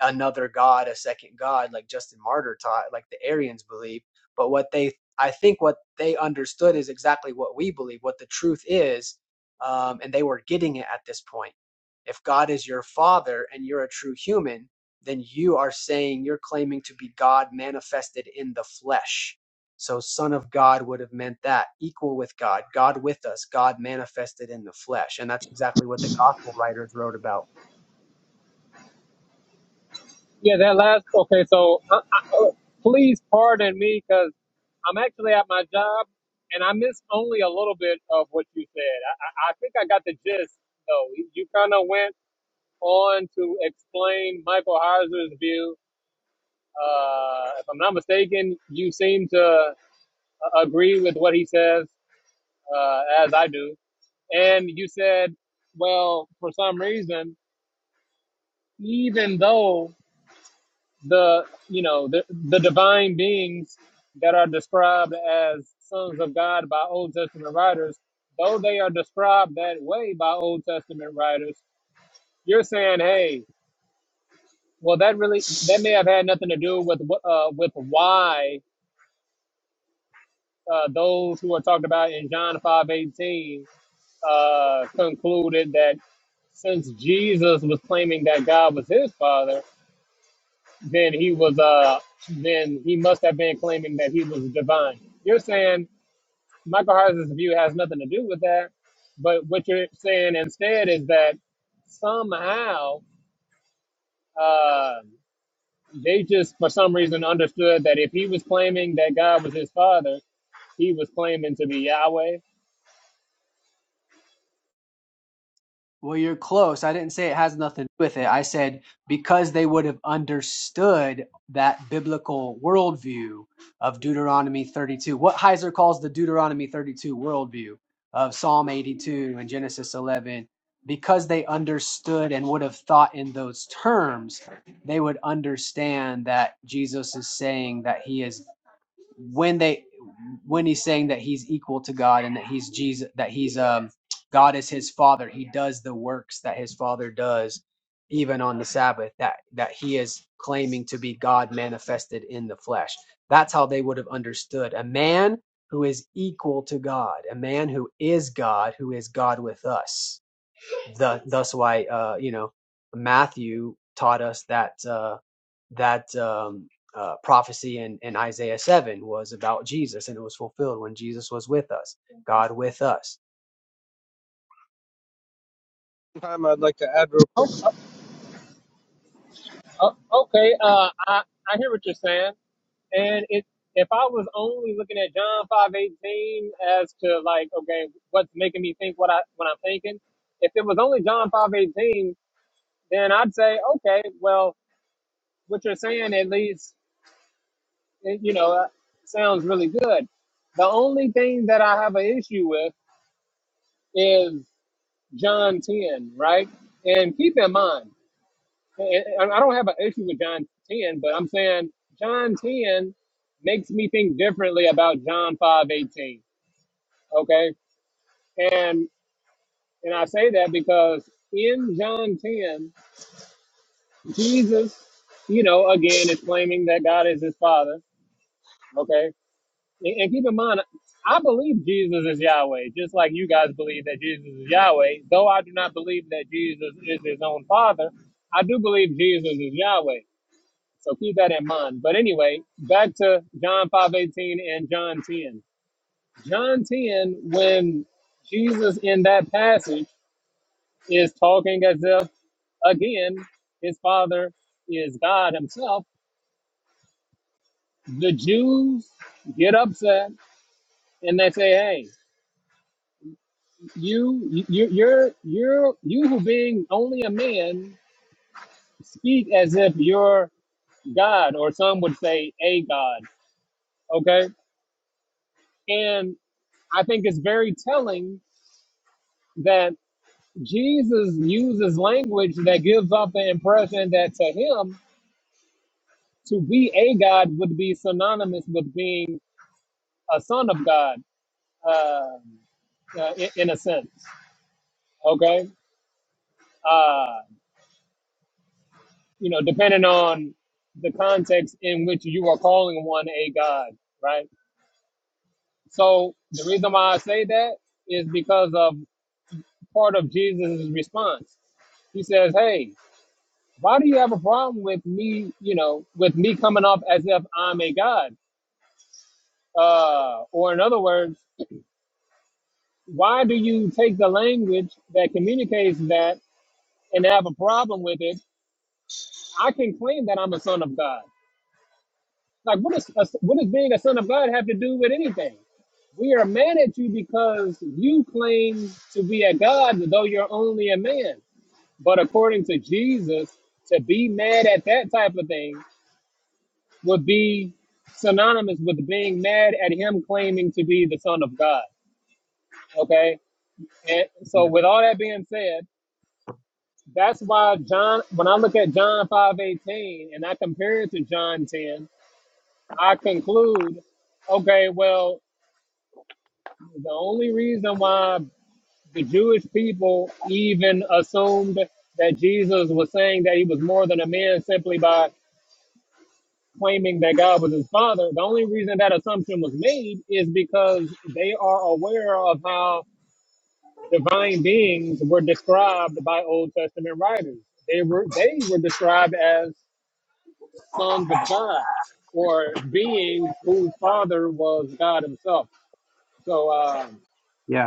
S4: another god, a second god, like Justin Martyr taught, like the Arians believe. But what they, I think, what they understood is exactly what we believe, what the truth is, um, and they were getting it at this point. If God is your father and you're a true human, then you are saying you're claiming to be God manifested in the flesh. So, Son of God would have meant that equal with God, God with us, God manifested in the flesh. And that's exactly what the gospel writers wrote about.
S2: Yeah, that last. Okay, so uh, uh, uh, please pardon me because I'm actually at my job and I missed only a little bit of what you said. I, I, I think I got the gist though. You kind of went on to explain Michael Heiser's view. Uh, if I'm not mistaken, you seem to uh, agree with what he says, uh, as I do. And you said, well, for some reason, even though the you know the, the divine beings that are described as sons of God by Old Testament writers, though they are described that way by Old Testament writers, you're saying, hey, Well, that really that may have had nothing to do with wh- uh, with why uh, those who are talked about in John five eighteen uh, concluded that since Jesus was claiming that God was his father, then he was uh then he must have been claiming that he was divine. You're saying Michael Heiser's view has nothing to do with that, but what you're saying instead is that somehow. uh, they just for some reason understood that if he was claiming that God was his father, he was claiming to be Yahweh.
S4: Well, you're close. I didn't say it has nothing to do with it. I said because they would have understood that biblical worldview of Deuteronomy 32, what Heiser calls the Deuteronomy 32 worldview of Psalm 82 and Genesis 11, because they understood and would have thought in those terms, they would understand that Jesus is saying that he is when they when he's saying that he's equal to God and that he's Jesus that he's um God is his father he does the works that his father does even on the sabbath that that he is claiming to be God manifested in the flesh that's how they would have understood a man who is equal to God a man who is God who is God with us the, thus why uh, you know Matthew taught us that uh, that um, uh, prophecy in, in Isaiah seven was about Jesus, and it was fulfilled when Jesus was with us, God with us.
S5: Time I'd like to add real quick.
S2: Oh, oh, oh, okay, uh, I I hear what you're saying, and it if I was only looking at John five eighteen as to like okay, what's making me think what I what I'm thinking, if it was only John five eighteen, then I'd say okay, well what you're saying at least it, you know uh, sounds really good. The only thing that I have an issue with is John 10, right? And keep in mind, and and I don't have an issue with John 10, but I'm saying John 10 makes me think differently about John 5:18. Okay, and and I say that because in John 10, Jesus, you know, again is claiming that God is His Father. Okay, And, and keep in mind, I believe Jesus is Yahweh, just like you guys believe that Jesus is Yahweh. Though I do not believe that Jesus is his own father, I do believe Jesus is Yahweh. So keep that in mind. But anyway, back to John 5.18 and John 10. John 10, when Jesus in that passage is talking as if, again, his father is God himself, the Jews get upset and they say, hey, you you you're you're you who being only a man speak as if you're god or some would say a god okay and i think it's very telling that jesus uses language that gives off the impression that to him to be a god would be synonymous with being a son of god uh, uh, in, in a sense okay Uh, you know, depending on the context in which you are calling one a God, right? So the reason why I say that is because of part of Jesus' response. He says, Hey, why do you have a problem with me, you know, with me coming off as if I'm a God? Uh, or in other words, why do you take the language that communicates that and have a problem with it? I can claim that I'm a son of God. Like, what does what does being a son of God have to do with anything? We are mad at you because you claim to be a God, though you're only a man. But according to Jesus, to be mad at that type of thing would be synonymous with being mad at him claiming to be the son of God. Okay, and so with all that being said, that's why John. When I look at John five eighteen and I compare it to John ten, I conclude okay, well, The only reason why the Jewish people even assumed that Jesus was saying that he was more than a man simply by claiming that God was his father, the only reason that assumption was made is because they are aware of how divine beings were described by Old Testament writers. They were they were described as sons of God or beings whose father was God himself. So uh,
S4: Yeah.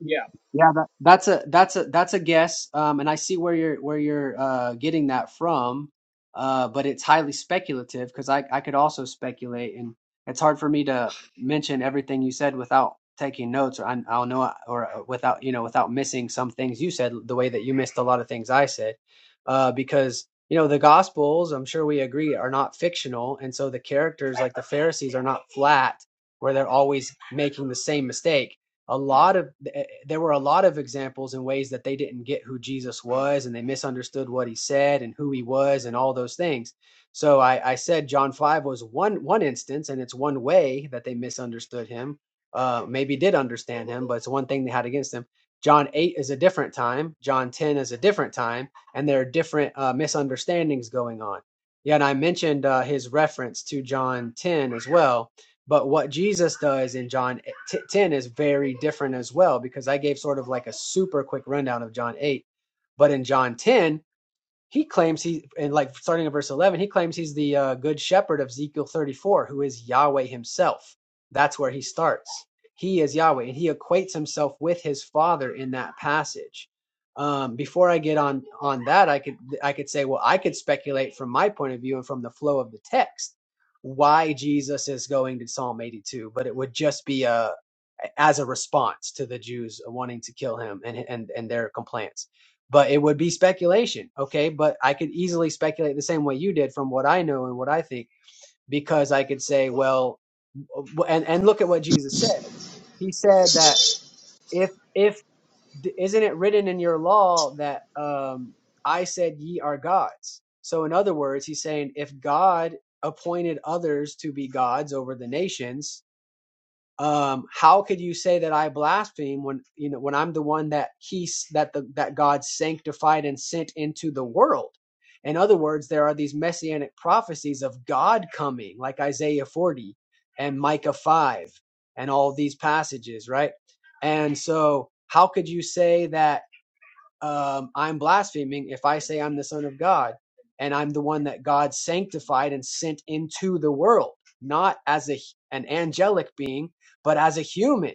S2: yeah.
S4: Yeah, that, that's a that's a that's a guess, um, and I see where you're where you're uh, getting that from, uh, but it's highly speculative because I I could also speculate, and it's hard for me to mention everything you said without taking notes, or I, I'll know, or uh, without you know without missing some things you said the way that you missed a lot of things I said, uh, because you know the Gospels, I'm sure we agree, are not fictional, and so the characters like the Pharisees are not flat where they're always making the same mistake a lot of eh, eh, there were a lot of examples in ways that they didn't get who Jesus was and they misunderstood what he said and who he was and all those things. So I, I said John five was one one instance and it's one way that they misunderstood him, uh, maybe did understand him, but it's one thing they had against him. John eight is a different time. John ten is a different time, and there are different uh, misunderstandings going on. Yeah, and I mentioned uh, his reference to John ten as well but what Jesus does in John 10 is very different as well, because I gave sort of like a super quick rundown of John 8. But in John 10, he claims he and like starting in verse 11 he claims he's the uh, good shepherd of ezekiel 34 who is yahweh himself that's where he starts he is yahweh and he equates himself with his father in that passage um, before i get on on that i could i could say well i could speculate from my point of view and from the flow of the text why jesus is going to psalm 82 but it would just be uh, a as a response to the jews wanting to kill him and and and their complaints but it would be speculation. Okay. But I could easily speculate the same way you did from what I know and what I think, because I could say, well, and, and look at what Jesus said. He said that if, if, isn't it written in your law that, um, I said ye are gods. So in other words, he's saying if God appointed others to be gods over the nations, um, how could you say that I blaspheme when you know when I'm the one that he that the that God sanctified and sent into the world? In other words, there are these messianic prophecies of God coming, like Isaiah 40 and Micah 5 and all these passages, right? And so, how could you say that? um, I'm blaspheming if I say I'm the Son of God and I'm the one that God sanctified and sent into the world, not as a an angelic being, but as a human.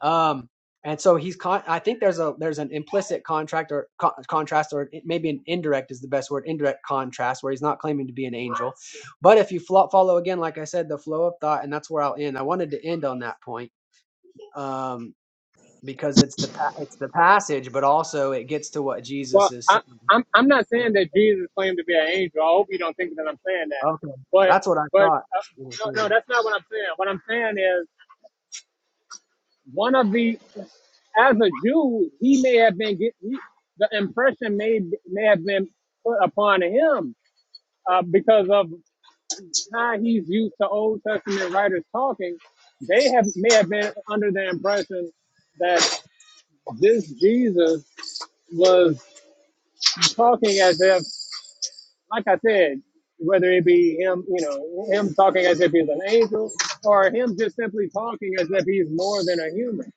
S4: Um, and so he's con- I think there's a there's an implicit contract or co- contrast or it- maybe an indirect is the best word indirect contrast where he's not claiming to be an angel, but if you flo- follow again, like I said, the flow of thought, and that's where I'll end. I wanted to end on that point. Um, because it's the pa- it's the passage, but also it gets to what Jesus
S2: Well,
S4: is
S2: I,
S4: saying.
S2: I'm I'm not saying that Jesus claimed to be an angel. I hope you don't think that I'm saying that.
S4: Okay,
S2: But
S4: that's what I
S2: but
S4: thought.
S2: uh, no no that's not what I'm saying. What I'm saying is one of the as a Jew he may have been get he, the impression may may have been put upon him uh, because of how he's used to Old Testament writers talking. They have may have been under the impression that this Jesus was talking as if like I said, whether it be him, you know, him talking as if he's an angel, or him just simply talking as if he's more than a human.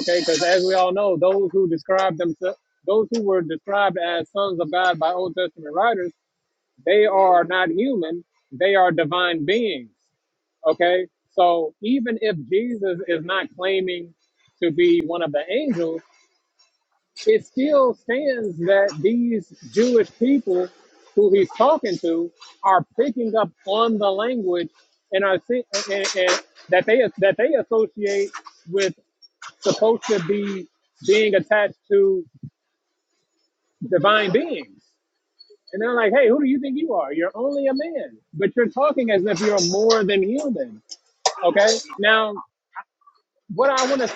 S2: Okay, because as we all know, those who describe themselves, those who were described as sons of God by Old Testament writers, they are not human; they are divine beings. Okay, so even if Jesus is not claiming to be one of the angels, it still stands that these Jewish people who he's talking to are picking up on the language and are thi- and, and that they that they associate with supposed to be being attached to divine beings. And they're like, "Hey, who do you think you are? You're only a man, but you're talking as if you're more than human." Okay? Now, what I want to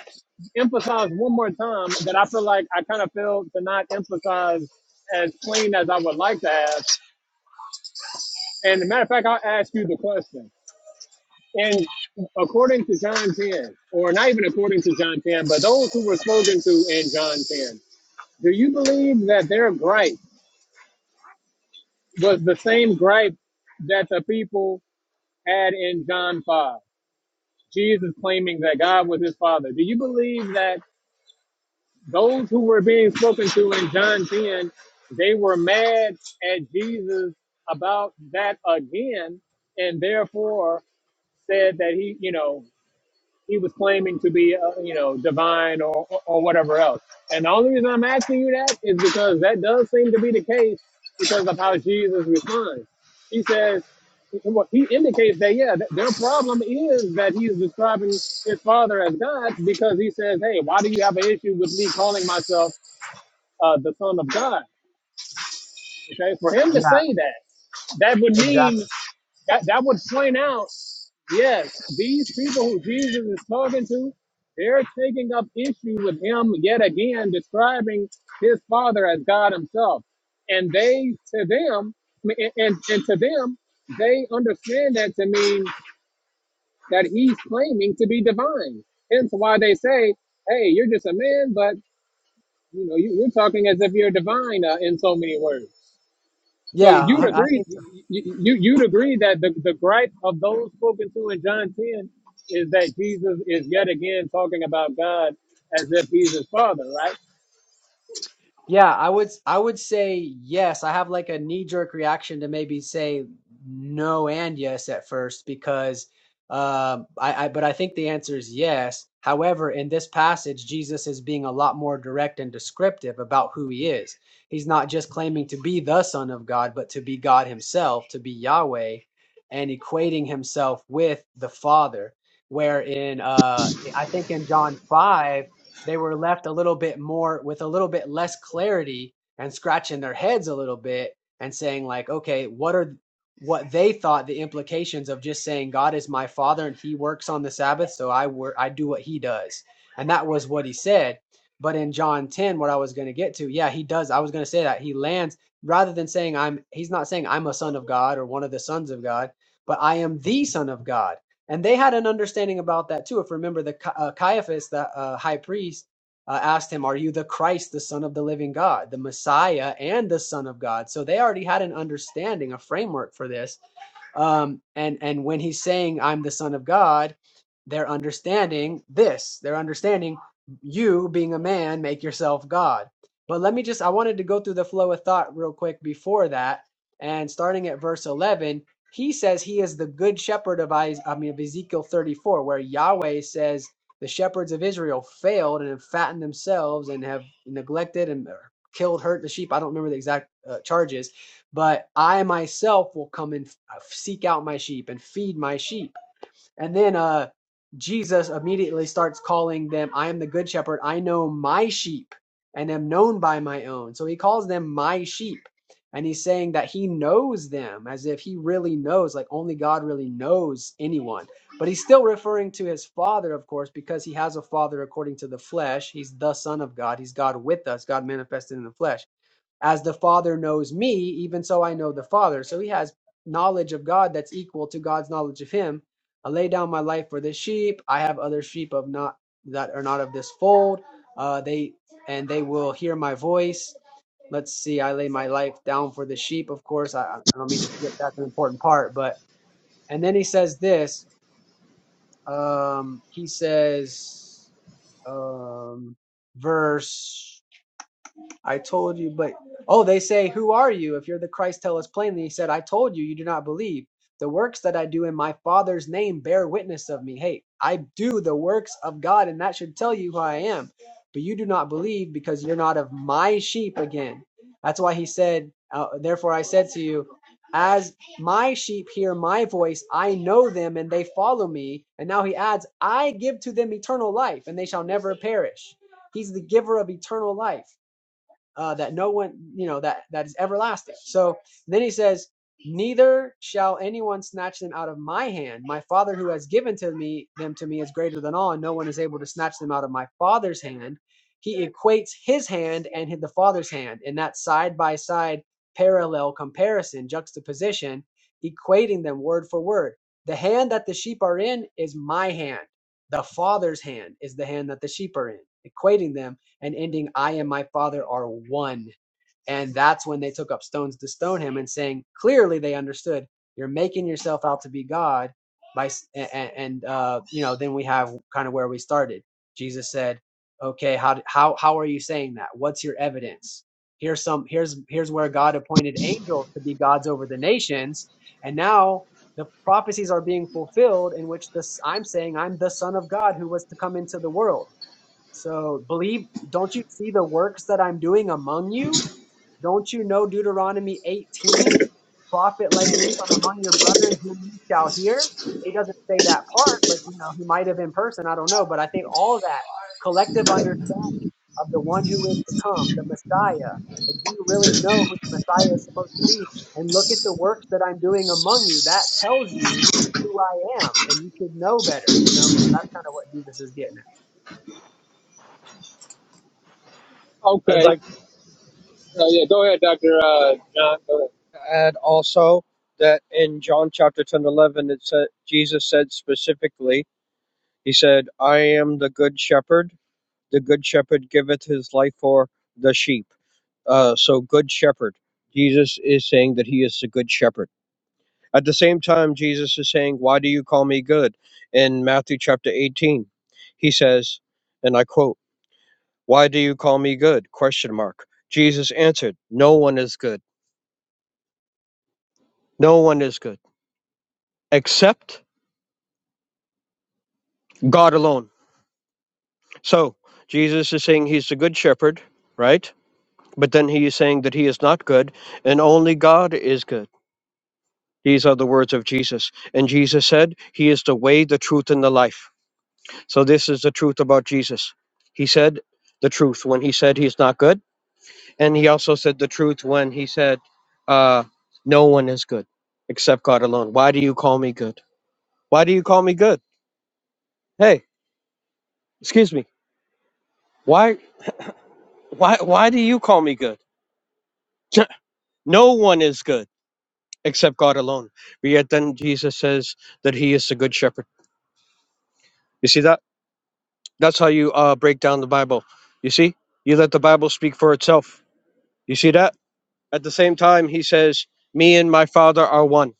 S2: emphasize one more time that I feel like I kind of failed to not emphasize as clean as I would like to have. And as a matter of fact, I'll ask you the question. And according to John 10, or not even according to John 10, but those who were spoken to in John 10, do you believe that their gripe was the same gripe that the people had in John 5? Jesus claiming that God was his father. Do you believe that those who were being spoken to in John 10, they were mad at Jesus about that again, and therefore said that he, you know, he was claiming to be, uh, you know, divine or, or or whatever else. And the only reason I'm asking you that is because that does seem to be the case because of how Jesus responds. He says, well, he indicates that, yeah, th- their problem is that he's describing his father as God because he says, hey, why do you have an issue with me calling myself? uh, the Son of God. Okay, for him to
S4: Yeah,
S2: say that, that would
S4: exactly.
S2: mean that that would point out, yes, these people who Jesus is talking to, they're taking up issue with him yet again, describing his Father as God Himself, and they to them, I mean, and, and to them, they understand that to mean that he's claiming to be divine. Hence why they say, "Hey, you're just a man, but you know you, you're talking as if you're divine uh, in so many words." So
S4: Yeah,
S2: you'd
S4: I I
S2: agree,
S4: think.
S2: you, you, you'd agree that the, the gripe of those spoken to in John 10 is that Jesus is yet again talking about God as if he's his father, right?
S4: Yeah, I would I would say yes. I have like a knee-jerk reaction to maybe say no and yes at first because um I, I but I think the answer is yes. However, in this passage, Jesus is being a lot more direct and descriptive about who he is. He's not just claiming to be the Son of God, but to be God himself, to be Yahweh, and equating himself with the Father. Where in uh I think in John 5 they were left a little bit more with a little bit less clarity and scratching their heads a little bit and saying like okay what are what they thought the implications of just saying god is my father and he works on the sabbath so i work i do what he does and that was what he said but in john 10 what i was going to get to yeah he does i was going to say that he lands rather than saying i'm he's not saying i'm a son of god or one of the sons of god but i am the son of god and they had an understanding about that too. If you remember, the uh, Caiaphas, the uh, high priest, uh, asked him, "Are you the Christ, the Son of the Living God, the Messiah, and the Son of God?" So they already had an understanding, a framework for this um, and and when he's saying I'm the son of God, they're understanding this. They're understanding you being a man make yourself God. But let me just I wanted to go through the flow of thought real quick before that. And starting at verse 11, he says he is the good shepherd of I, I mean of Ezekiel 34 where Yahweh says the shepherds of Israel failed and have fattened themselves and have neglected and uh, killed hurt the sheep. I don't remember the exact uh, charges but I myself will come and uh, seek out my sheep and feed my sheep. And then uh, Jesus immediately starts calling them, I am the good shepherd. I know my sheep and am known by my own. So he calls them my sheep. And he's saying that he knows them as if he really knows, like only God really knows anyone. But he's still referring to his father, of course, because he has a father according to the flesh. He's the son of God. He's God with us, God manifested in the flesh as the Father knows me, even so I know the Father. So he has knowledge of God that's equal to God's knowledge of him. I lay down my life for the sheep. I have other sheep of not that are not of this fold. Uh, they and they will hear my voice. Let's see. I lay my life down for the sheep. Of course, I, I don't mean to skip. That's an important part. But and then he says this. Um, he says, um, verse. I told you, but oh, they say, Who are you? If you're the Christ, tell us plainly. He said, I told you, you do not believe. The works that I do in my Father's name bear witness of me. Hey, I do the works of God, and that should tell you who I am. But you do not believe because you're not of my sheep again. That's why he said, uh, Therefore I said to you, As my sheep hear my voice, I know them, and they follow me. And now he adds, I give to them eternal life, and they shall never perish. He's the giver of eternal life uh, that no one, you know, that that is everlasting. So then he says, "Neither shall anyone snatch them out of my hand. My Father who has given to me them to me is greater than all, and no one is able to snatch them out of my Father's hand." He equates his hand and the Father's hand in that side by side parallel comparison, juxtaposition, equating them word for word. The hand that the sheep are in is my hand. The Father's hand is the hand that the sheep are in, equating them and ending I and my Father are one. And that's when they took up stones to stone him and saying, clearly they understood, you're making yourself out to be God by s- a- a- and uh you know, then we have kind of where we started. Jesus said, "Okay, how how how are you saying that? What's your evidence?" Here's some here's here's where God appointed angels to be gods over the nations, and now the prophecies are being fulfilled in which this I'm saying I'm the son of God who was to come into the world so believe, don't you see the works that I'm doing among you? Don't you know Deuteronomy 18? Prophet like me from among your brethren whom you shall hear. He doesn't say that part, but you know, he might have in person, I don't know. But I think all that collective understanding of the one who is to come, the Messiah. Like, do you really know who the Messiah is supposed to be? And look at the works that I'm doing among you. That tells you who I am, and you should know better, you know? So that's kind of what Jesus is getting
S5: I'd
S2: Okay.
S5: like
S2: So yeah, go ahead, Dr. Uh, John. Go ahead.
S5: to add also that in John chapter 10 11, it said, Jesus said specifically, He said, I am the good shepherd. The good shepherd giveth his life for the sheep. Uh, so, good shepherd. Jesus is saying that he is the good shepherd. At the same time, Jesus is saying, Why do you call me good? In Matthew chapter 18, he says, and I quote, Why do you call me good? Question mark. Jesus answered, No one is good. No one is good except God alone. So Jesus is saying he's the good shepherd, right? But then he is saying that he is not good and only God is good. These are the words of Jesus. And Jesus said, He is the way, the truth, and the life. So this is the truth about Jesus. He said the truth when he said he's not good. And he also said the truth when he said, uh, No one is good except God alone. Why do you call me good? Why do you call me good? Hey, excuse me. Why why why do you call me good? no one is good except God alone. But yet then Jesus says that he is the good shepherd. You see that? That's how you uh, break down the Bible. You see? You let the Bible speak for itself. You see that? At the same time, he says, Me and my Father are one.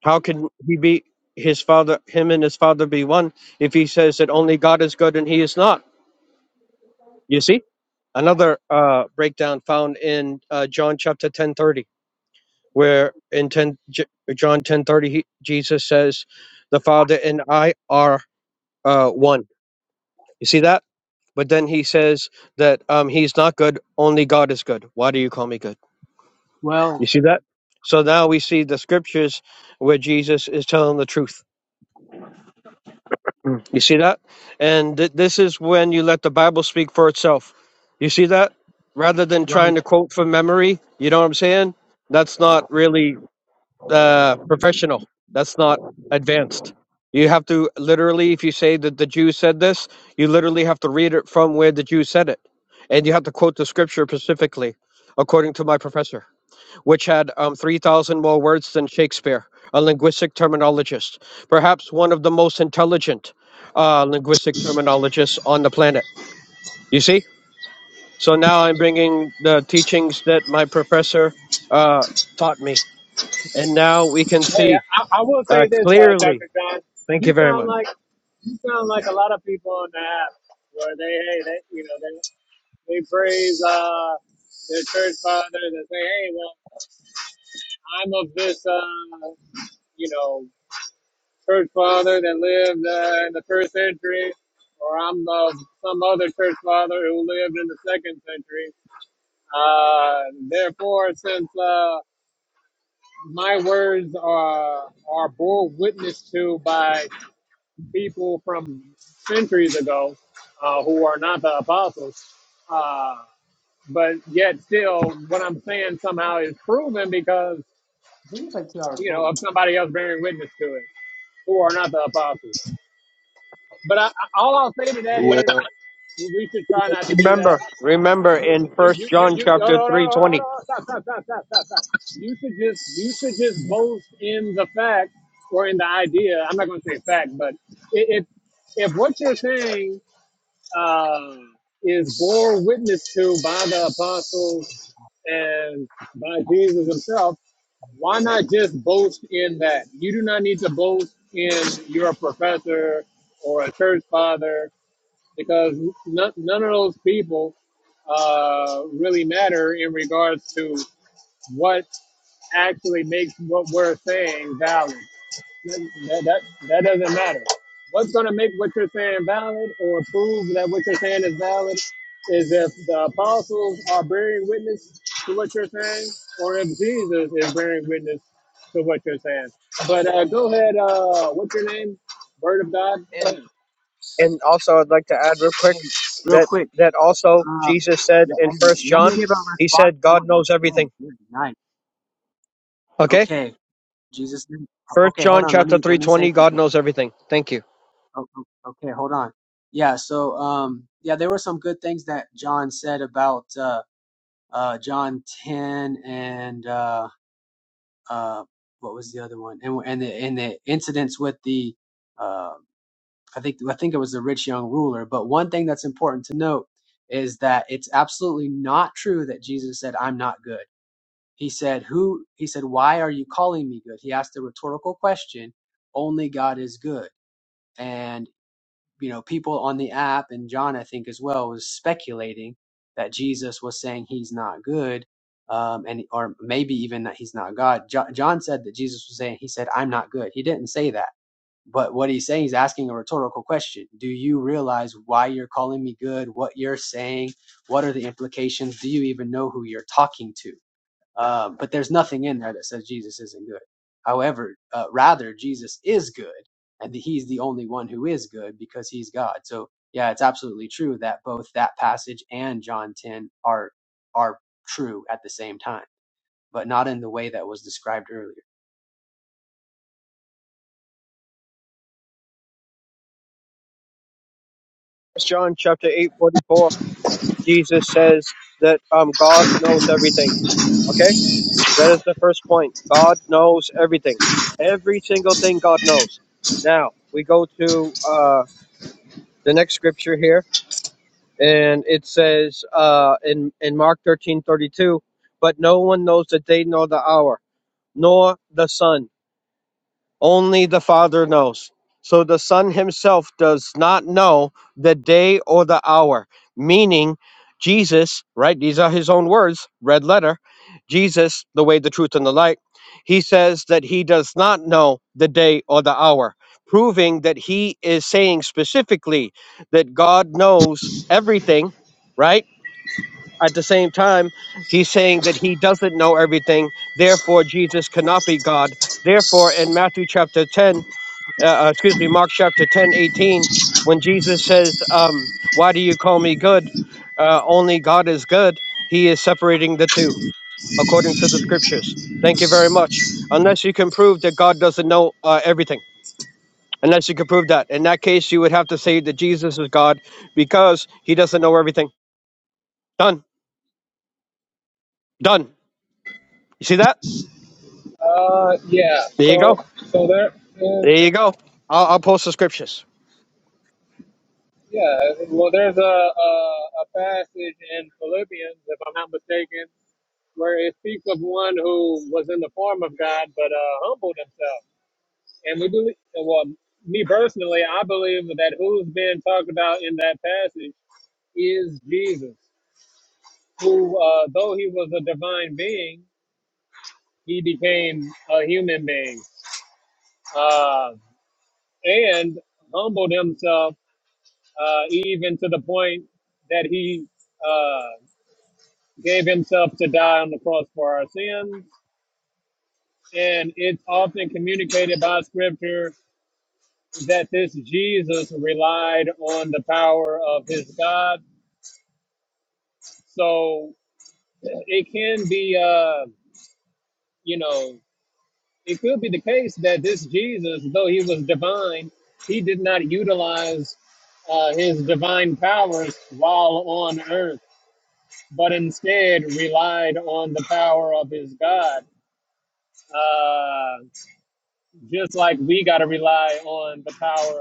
S5: How can he be his father, him and his father be one if he says that only God is good and he is not? You see, another uh, breakdown found in uh, John chapter ten thirty, where in 10, J- John ten thirty he, Jesus says, "The Father and I are uh, one." You see that? But then he says that um, he's not good; only God is good. Why do you call me good?
S4: Well,
S5: You see that? So now we see the scriptures where Jesus is telling the truth Mm. You see that? And th- this is when you let the Bible speak for itself. You see that? Rather than
S4: Um,
S5: trying to quote from memory, you know what I'm saying? That's not really uh, professional. That's not advanced. You have to literally, if you say that the Jews said this, you literally have to read it from where the Jews said it. And you have to quote the scripture specifically, according to my professor which had um, 3,000 more words than Shakespeare, a linguistic terminologist, perhaps one of the most intelligent uh, linguistic terminologists on the planet. You see? So now I'm bringing the teachings that my professor uh, taught me. And now we can
S2: Hey,
S5: see
S2: I, I will
S5: uh,
S2: say this, uh,
S5: clearly.
S2: Dr. John,
S5: Thank you
S2: you
S5: very
S2: sound
S5: much.
S2: like, you sound like a lot of people on the app where they, hey, they, you know, they, they praise, uh, their church fathers and say, hey, well, I'm of this, uh, you know, church father that lived uh, in the first century, or I'm of some other church father who lived in the second century. Uh, therefore, since uh, my words are are bore witness to by people from centuries ago uh, who are not the apostles, uh, but yet still, what I'm saying somehow is proven because
S4: I think it's like two hours
S2: you know
S4: long.
S2: of somebody else bearing witness to it who are
S4: But
S2: not the apostles. But I, I- all I'll say to that
S1: Why?
S2: is We should try not to do that.
S5: Remember, remember
S2: You
S5: in
S2: should,
S5: First
S2: you, you,
S5: John
S2: you, you, hold
S5: chapter
S2: on, hold on, hold on, hold
S5: 3:20.
S2: on, stop, stop, stop, stop, stop, stop. You should just, you should just boast in the fact or in the idea. I'm not going to say fact, but it, it, if what you're saying uh, is borne witness to by the apostles and by Jesus himself, why not just boast in that? You do not need to boast in your professor or a church father because none, none of those people uh, really matter in regards to what actually makes what we're saying valid. That, that, that doesn't matter. What's going to make what you're saying valid or prove that what you're saying is valid is if the apostles are bearing witness to what you're saying or if Jesus is bearing witness to what you're saying. But uh, go ahead. Uh, what's your name? Word of
S5: And
S2: God.
S5: and also I'd like to add real quick
S4: hey, real
S5: that
S4: quick,
S5: that also
S4: um,
S5: Jesus said
S4: yeah,
S5: in
S4: hey,
S5: First
S4: let me
S5: John,
S4: give a
S5: he
S4: response
S5: said
S4: to
S5: God
S4: what you
S5: knows everything.
S4: said. You're nice.
S5: Okay.
S4: Okay, Jesus. name- o-
S5: First
S4: Okay, hold
S5: John
S4: on. Let
S5: chapter
S4: me let
S5: three
S4: me say
S5: twenty. God
S4: something.
S5: knows everything. Thank you.
S4: Oh, oh, okay, hold on. Yeah. So, um, yeah, there were some good things that John said about uh, uh, John ten and uh, uh, what was the other one? And and the and the incidents with the. uh, I think I think it was the rich young ruler. But one thing that's important to note is that it's absolutely not true that Jesus said, "I'm not good." He said, "Who?" He said, "Why are you calling me good?" He asked a rhetorical question. Only God is good, and you know people on the app and John, I think as well, was speculating that Jesus was saying he's not good, um, and or maybe even that he's not God. Jo- John said that Jesus was saying he said, "I'm not good." He didn't say that but what he's saying, he's asking a rhetorical question. Do you realize why you're calling me good? What you're saying? What are the implications? Do you even know who you're talking to? Um, but there's nothing in there that says Jesus isn't good. However, uh, rather, Jesus is good, and he's the only one who is good because he's God. So, yeah, it's absolutely true that both that passage and John 10 are are true at the same time, but not in the way that was described earlier.
S5: First John chapter eight forty four. Jesus says that um God knows everything. Okay, that is the first point. God knows everything. Every single thing God knows. Now we go to uh the next scripture here, and it says uh in in Mark thirteen thirty two, but no one knows the day nor the hour, nor the Son Only the Father knows. So the Son himself does not know the day or the hour. Meaning, Jesus, right? These are his own words, red letter. Jesus, the way, the truth, and the light. He says that he does not know the day or the hour, proving that he is saying specifically that God knows everything, right? At the same time, he's saying that he doesn't know everything. Therefore, Jesus cannot be God. Therefore, in Matthew chapter 10, uh, uh, excuse me, Mark chapter 10 18, when Jesus says, um, Why do you call me good? Uh, only God is good. He is separating the two according to the scriptures. Thank you very much. Unless you can prove that God doesn't know uh, everything, unless you can prove that. In that case, you would have to say that Jesus is God because he doesn't know everything. Done. Done. You see that?
S2: Uh, yeah.
S5: There you go.
S2: So, so there,
S5: There
S2: um,
S5: you go. I'll, I'll post the scriptures.
S2: yeah. Well, there's a, a a passage in Philippians, if I'm not mistaken, where it speaks of one who was in the form of God but uh, humbled himself. And we believe, well, me personally, I believe that who's being talked about in that passage is Jesus, who, uh, though he was a divine being, he became a human being, uh, and humbled himself uh, even to the point that he uh, gave himself to die on the cross for our sins. And it's often communicated by scripture that this Jesus relied on the power of his God. So it can be, uh, you know, it could be the case that this Jesus, though he was divine, he did not utilize uh, his divine powers while on earth but instead relied on the power of his God. Uh, just like we got to rely on the power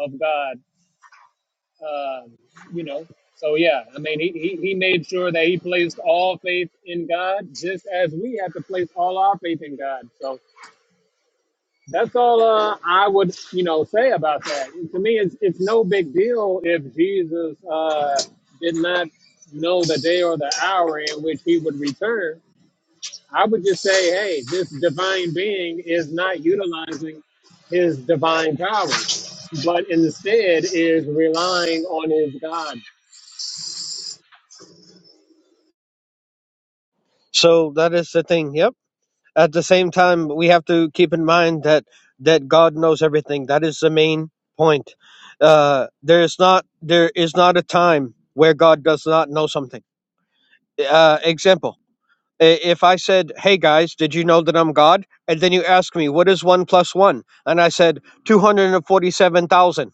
S2: of God, uh, you know. So, yeah, I mean, he, he, he made sure that he placed all faith in God, just as we have to place all our faith in God. So, that's all uh, I would, you know, say about that. To me, it's, it's no big deal if Jesus uh, did not know the day or the hour in which he would return I would just say, hey, this divine being is not utilizing his divine powers, but instead is relying on his God.
S5: So that is the thing. Yep. At the same time, we have to keep in mind that that God knows everything. That is the main point. Uh, there is not there is not a time where God does not know something. Uh, example: i- If I said, "Hey guys, did you know that I'm God?" and then you ask me, "What is one plus one?" and I said, 247,000.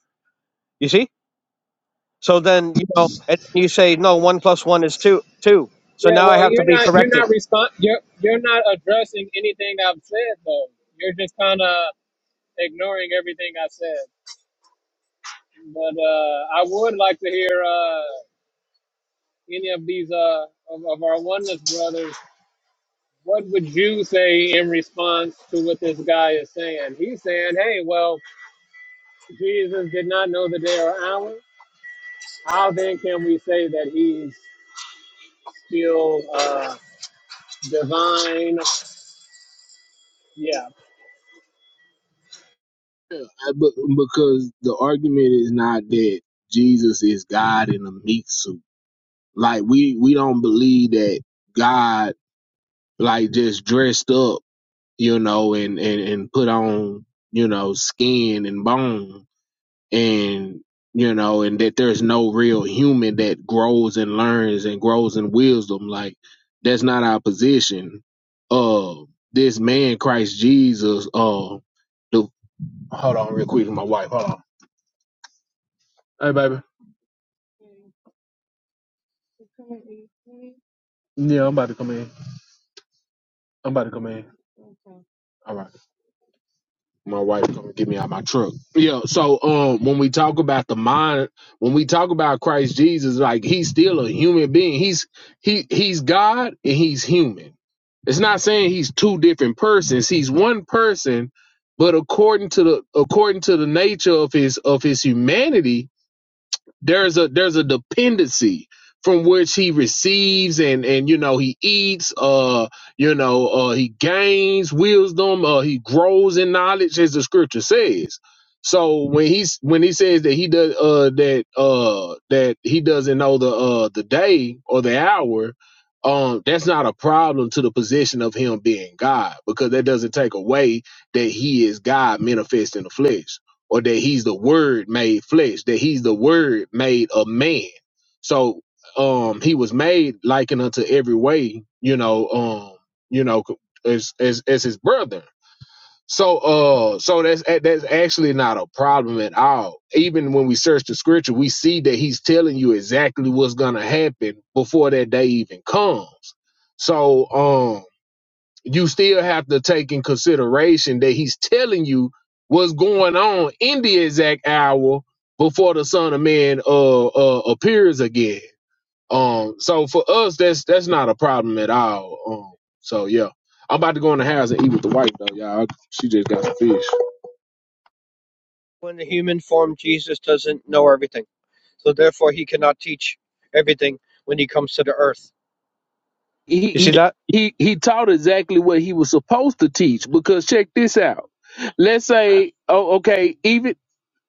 S5: You see? So then you know, and you say, "No, one plus one is two, two. So
S2: Yeah,
S5: now I
S2: well,
S5: have to
S2: you're
S5: be
S2: not you're
S5: corrected.
S2: not respond you're you're not addressing anything I've said though. You're just kind of ignoring everything I said. But uh, I would like to hear uh, any of these uh, of, of our oneness brothers. What would you say in response to what this guy is saying? He's saying, "Hey, well." Jesus did not know the day or hour, how then can we say that he's still uh, divine? Yeah.
S1: But because the argument is not that Jesus is God in a meat suit. Like we we don't believe that God like just dressed up. you know, and, and, and put on, you know, skin and bone and, you know, and that there's no real human that grows and learns and grows in wisdom. Like that's not our position. Uh, this man, Christ Jesus, uh, the, hold on real quick to my wife. Hold on. Hey, baby. Yeah, I'm about to come in. I'm about to come in. All right. my wife come get me out my truck. Yeah. So um, when we talk about the mind, when we talk about Christ Jesus, like he's still a human being. He's he he's God and he's human. It's not saying he's two different persons. He's one person, but according to the according to the nature of his of his humanity, there's a there's a dependency from which he receives and and you know he eats uh you know uh he gains wisdom uh he grows in knowledge as the scripture says so when he's when he says that he does uh that uh that he doesn't know the uh the day or the hour um that's not a problem to the position of him being god because that doesn't take away that he is god manifest in the flesh or that he's the word made flesh, that he's the word made a man. So um he was made likened unto every way, you know, um, you know, as as as his brother. So uh so that's that's actually not a problem at all. Even when we search the scripture, we see that he's telling you exactly what's gonna happen before that day even comes. So um you still have to take in consideration that he's telling you what's going on in the exact hour before the Son of Man uh, uh appears again. Um, so for us, that's that's not a problem at all. Um, so yeah, I'm about to go in the house and eat with the wife though, y'all. She just got some fish.
S5: in the human form, Jesus doesn't know everything. So therefore, he cannot teach everything when he comes to the earth.
S1: He
S5: You see
S1: he
S5: that?
S1: he he taught exactly what he was supposed to teach because check this out. Let's say, oh, okay, even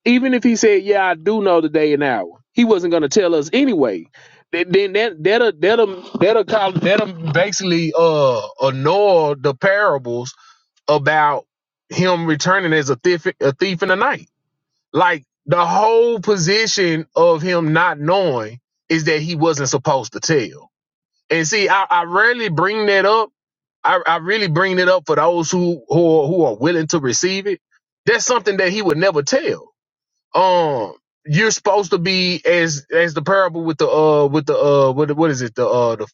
S1: even if he said, "Yeah, I do know the day and hour," he wasn't going to tell us anyway. Th- Then that that'll that'll that'll call that'll basically uh annul the parables about him returning as a thief a thief in the night. Like the whole position of him not knowing is that he wasn't supposed to tell. And see, I, I rarely bring that up. I, I really bring it up for those who who are, who are willing to receive it. That's something that he would never tell um you're supposed to be as as the parable with the uh with the uh what what is it the uh the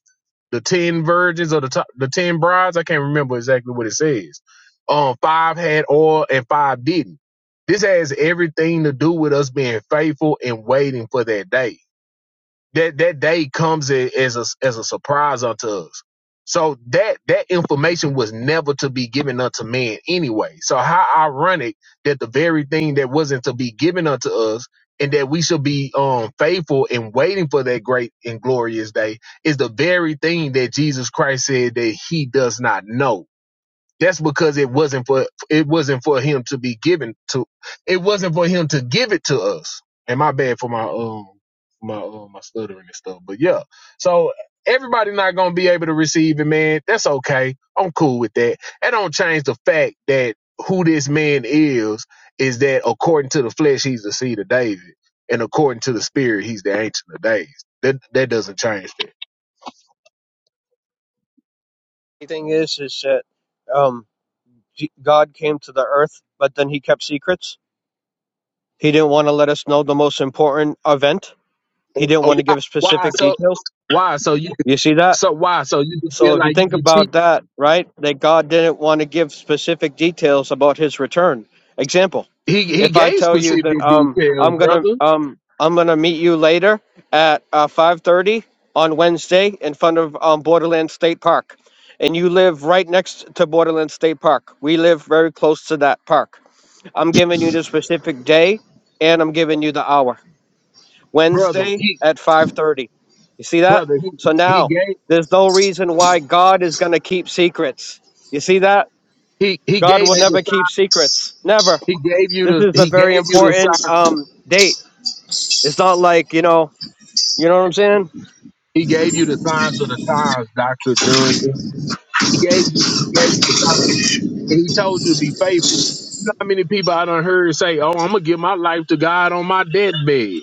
S1: the ten virgins or the top, the ten brides I can't remember exactly what it says. Um, five had oil and five didn't. This has everything to do with us being faithful and waiting for that day that that day comes a- as a as a surprise unto us. So that that information was never to be given unto man anyway. So how ironic that the very thing that wasn't to be given unto us and that we should be um faithful and waiting for that great and glorious day is the very thing that Jesus Christ said that he does not know. That's because it wasn't for it wasn't for him to be given to. It wasn't for him to give it to us. And my bad for my um my uh, my stuttering and stuff. But yeah, so everybody not gonna be able to receive it, man. That's okay. I'm cool with that. That don't change the fact that who this man is is that according to the flesh he's the seed of David, and according to the spirit he's the ancient of days. That that doesn't change.
S5: The thing is, is that um, God came to the earth, but then he kept secrets. He didn't want to let us know the most important event. He
S1: Oh,
S5: didn't want to
S1: why?
S5: give
S1: why?
S5: specific
S1: so
S5: details.
S1: Why? So you
S5: You see that?
S1: so why? So you can
S5: So
S1: feel
S5: if you
S1: like you
S5: think
S1: can cheat.
S5: about that, right, that God didn't want to give specific details about his return. Example,
S1: He he
S5: if I
S1: gave
S5: tell you
S1: specific
S5: that um
S1: details,
S5: I'm gonna
S1: brother.
S5: um I'm gonna meet you later at uh, 5:30 on Wednesday in front of um, Borderland State Park, and you live right next to Borderland State Park. We live very close to that park. I'm giving you the specific day, and I'm giving you the hour.
S1: Brother,
S5: Wednesday
S1: he
S5: at 5:30. You see that?
S1: brother, he
S5: So
S1: he
S5: now
S1: gave
S5: there's no reason why God is going to keep secrets. You see that?
S1: he he
S5: God
S1: gave
S5: will
S1: you the
S5: never
S1: sign-
S5: keep secrets. Never.
S1: he gave you
S5: This
S1: the
S5: is a
S1: he
S5: very
S1: gave you the
S5: important
S1: sign
S5: um date. It's not like, you know, you know what I'm saying?
S1: he gave you the signs of the times, Doctor John. He gave you he gave you the signs. And he told you to be faithful. You know how many people I done heard say, Oh, I'm gonna give my life to God on my deathbed.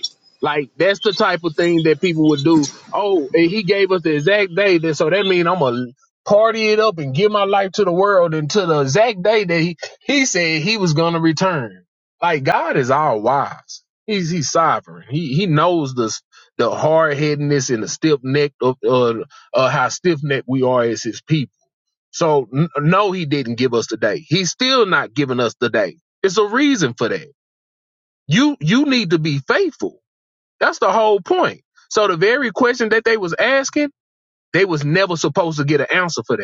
S1: Like that's the type of thing that people would do. Oh, and he gave us the exact day that so that means I'm gonna party it up and give my life to the world until the exact day that he, he said he was gonna return. Like God is all wise. He's he's sovereign. He he knows the s- the hard headedness and the stiff neck of uh, uh how stiff necked we are as his people so n- no, he didn't give us the day. He's still not giving us the day. It's a reason for that. You you need to be faithful. That's the whole point. So the very question that they was asking, they was never supposed to get an answer for that.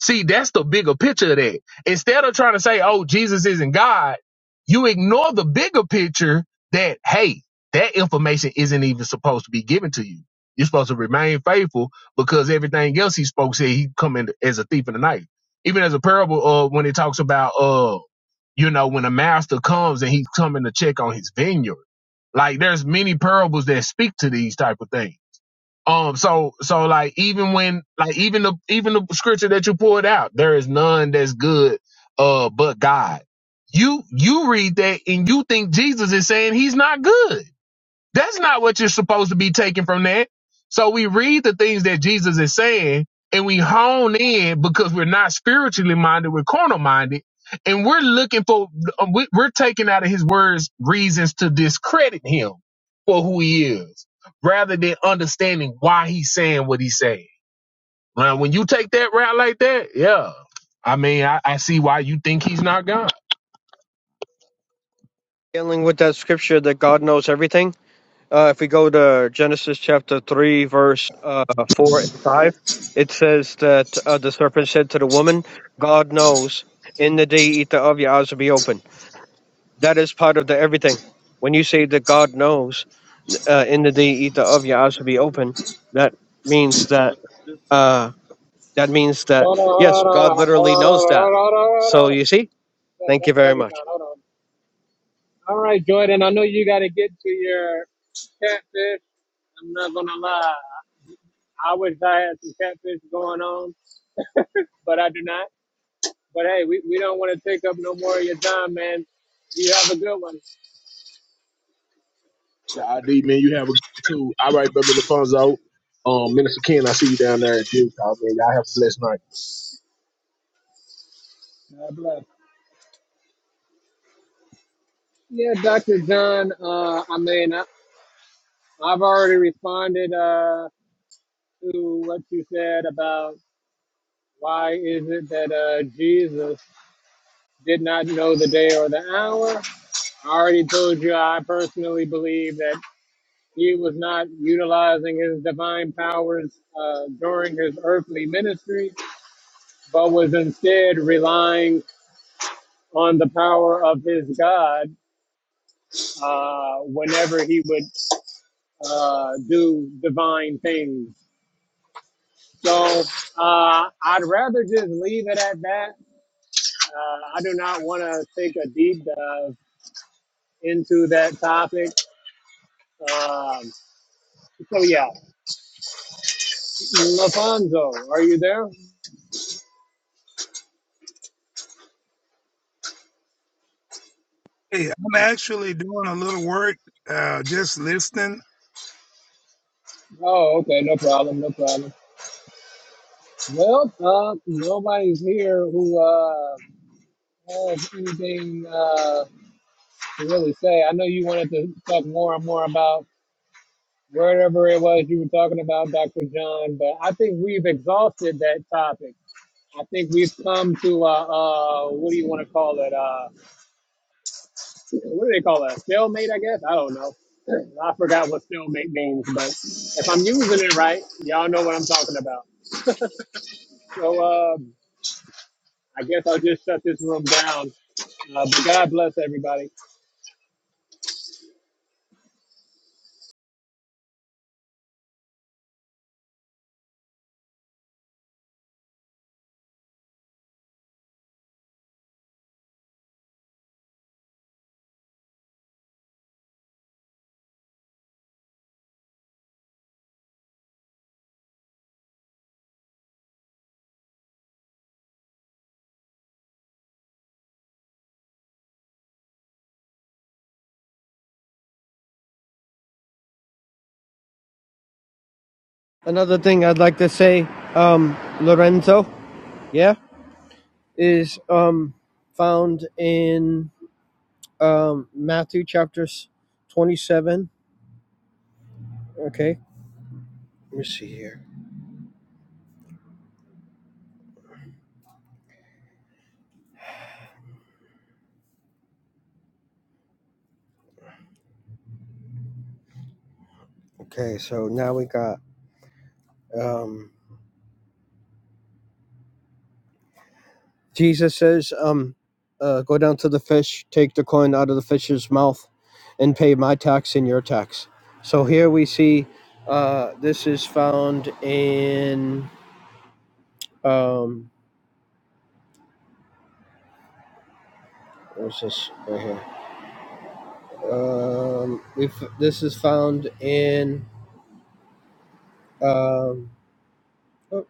S1: See, that's the bigger picture of that. Instead of trying to say, oh, Jesus isn't God, you ignore the bigger picture that, hey, that information isn't even supposed to be given to you. You're supposed to remain faithful because everything else he spoke said he come in as a thief in the night. Even as a parable uh, when it talks about, uh, you know, when a master comes and he's coming to check on his vineyard. Like there's many parables that speak to these type of things um, so so like even when like even the even the scripture that you pulled out, there is none that's good uh but God. You you read that and you think Jesus is saying he's not good. That's not what you're supposed to be taking from that. So we read the things that Jesus is saying and we hone in because we're not spiritually minded, we're carnal minded. And we're looking for, uh, we- we're taking out of his words reasons to discredit him for who he is rather than understanding why he's saying what he's saying. Now, when you take that route like that, yeah, I mean, I, I see why you think he's not God.
S5: Dealing with that scripture that God knows everything. Uh, if we go to Genesis chapter 3 verse uh, 4 and 5, it says that uh, the serpent said to the woman, God knows in the day you eat there'of, your eyes will be open. That is part of the everything. When you say that God knows, uh, in the day eat of your eyes will be open, that means that uh, that means that
S2: Hold on, hold
S5: yes, God
S2: on, hold on,
S5: literally
S2: hold on, hold on,
S5: knows that.
S2: hold on, hold on, hold on.
S5: So you see,
S2: That,
S5: thank
S2: that,
S5: you very
S2: that'd be fine,
S5: much.
S2: hold on. All right, Jordan, I know you got to get to your catfish. I'm not going to lie. I wish I had some catfish going on, but I do not. But hey, we, we don't want to take up no more of your time, man. You have a good one.
S1: But ID, man, you have a good too. All right, brother Lafonso. Um, Minister Ken, I see you down there at Duke. man, y'all have a blessed night.
S2: God bless. Yeah, Dr. John, uh, I mean, I, I've already responded uh, to what you said about why is it that uh, Jesus did not know the day or the hour. I already told you I personally believe that he was not utilizing his divine powers uh, during his earthly ministry, but was instead relying on the power of his God uh, whenever he would uh, do divine things. So uh, I'd rather just leave it at that. Uh, I do not want to take a deep dive into that topic. Um, so yeah, Lafonso, are you there?
S3: Hey, I'm actually doing a little work, uh, just listening.
S2: Oh, okay, no problem, no problem. Well, uh, nobody's here who uh, has anything uh, to really say. I know you wanted to talk more and more about whatever it was you were talking about, Dr. John, but I think we've exhausted that topic. I think we've come to uh, uh, what do you want to call it? Uh, what do they call it? Stalemate, I guess. I don't know. I forgot what stalemate means, but if I'm using it right, y'all know what I'm talking about. So um, I guess I'll just shut this room down. Uh, but God bless everybody.
S5: Another thing I'd like to say, um, Lorenzo, yeah, is um, found in um, Matthew chapters twenty-seven. Okay, let me see here. Okay, so now we got. Um, Jesus says, um, uh, go down to the fish, take the coin out of the fish's mouth, and pay my tax and your tax. So here we see uh, this is found in, um, what's this right here? Um, if this is found in, um, oh,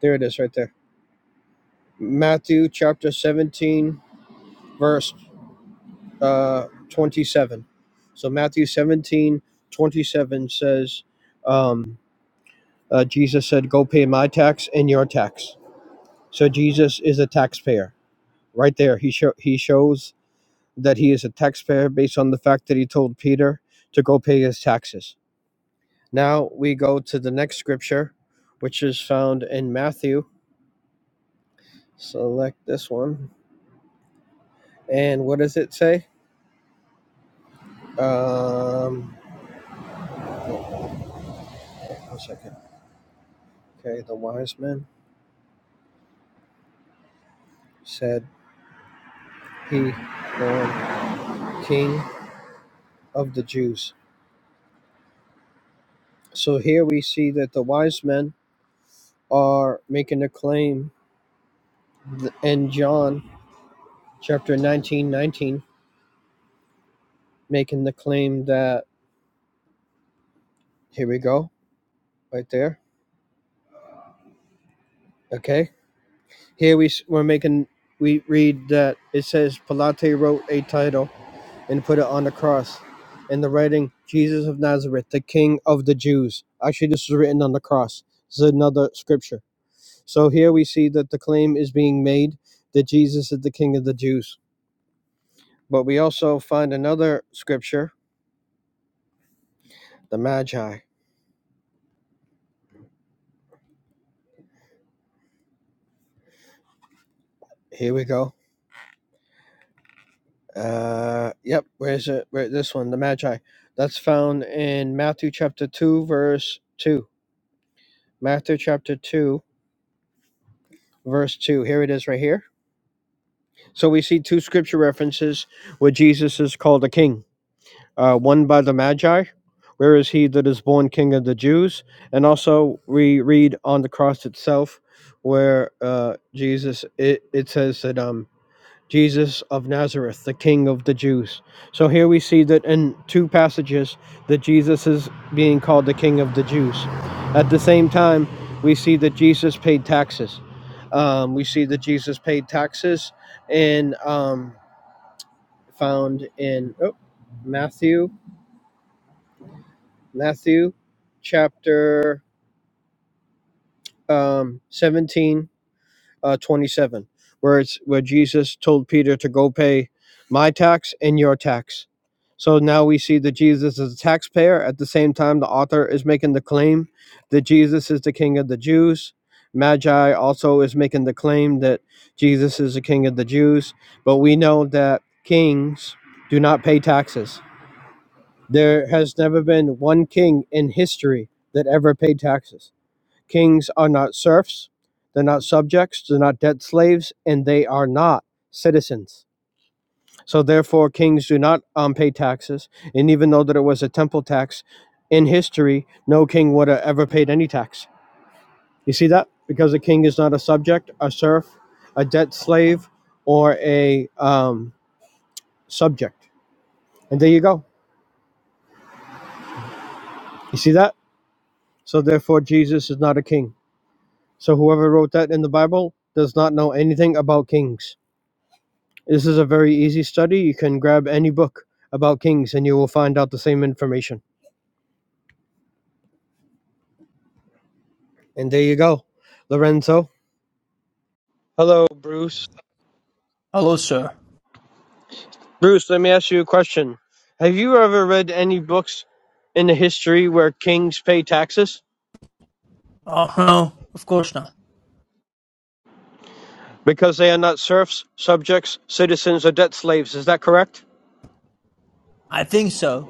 S5: there it is right there. Matthew chapter 17, verse uh, 27. So Matthew 17 27 says, um. Uh, Jesus said, "Go pay my tax and your tax." So Jesus is a taxpayer. Right there, he show, he shows that he is a taxpayer based on the fact that he told Peter to go pay his taxes. Now we go to the next scripture, which is found in Matthew. Select this one. And what does it say? Um, one second. Okay, the wise men said he, Lord, King of the Jews. So here we see that the wise men are making a claim, th- and John chapter 19 19, making the claim that here we go, right there. Okay, here we we're making we read that it says Pilate wrote a title and put it on the cross, and the writing Jesus of Nazareth, the King of the Jews. Actually, this was written on the cross. This is another scripture. So here we see that the claim is being made that Jesus is the King of the Jews. But we also find another scripture, the Magi. Here we go. Uh, yep. Where's it? Where this one? The Magi. That's found in Matthew chapter two, verse two. Matthew chapter two, verse two. Here it is, right here. So we see two scripture references where Jesus is called a king. Uh, one by the Magi. Where is he that is born King of the Jews? And also we read on the cross itself, where uh, Jesus it, it says that um Jesus of Nazareth, the King of the Jews. So here we see that in two passages that Jesus is being called the King of the Jews. At the same time, we see that Jesus paid taxes. Um, we see that Jesus paid taxes and um, found in oh, Matthew, Matthew chapter um, 17 uh, 27, where it's where Jesus told Peter to go pay my tax and your tax. So now we see that Jesus is a taxpayer. At the same time, the author is making the claim that Jesus is the king of the Jews. Magi also is making the claim that Jesus is the king of the Jews. But we know that kings do not pay taxes. There has never been one king in history that ever paid taxes Kings are not serfs, they're not subjects, they're not debt slaves, and they are not citizens. So therefore, kings do not um, pay taxes. And even though that it was a temple tax, in history, no king would have ever paid any tax. You see that? Because a king is not a subject, a serf, a debt slave, or a um, subject. And there you go. You see that? So therefore, Jesus is not a king. So whoever wrote that in the Bible does not know anything about kings. This is a very easy study. You can grab any book about kings and you will find out the same information. And there you go, Lorenzo. Hello, Bruce.
S6: Hello, sir.
S5: Bruce, let me ask you a question. Have you ever read any books in the history where kings pay taxes?
S6: Oh, no, of course not.
S5: Because they are not serfs, subjects, citizens, or debt slaves. Is that correct?
S6: I think so.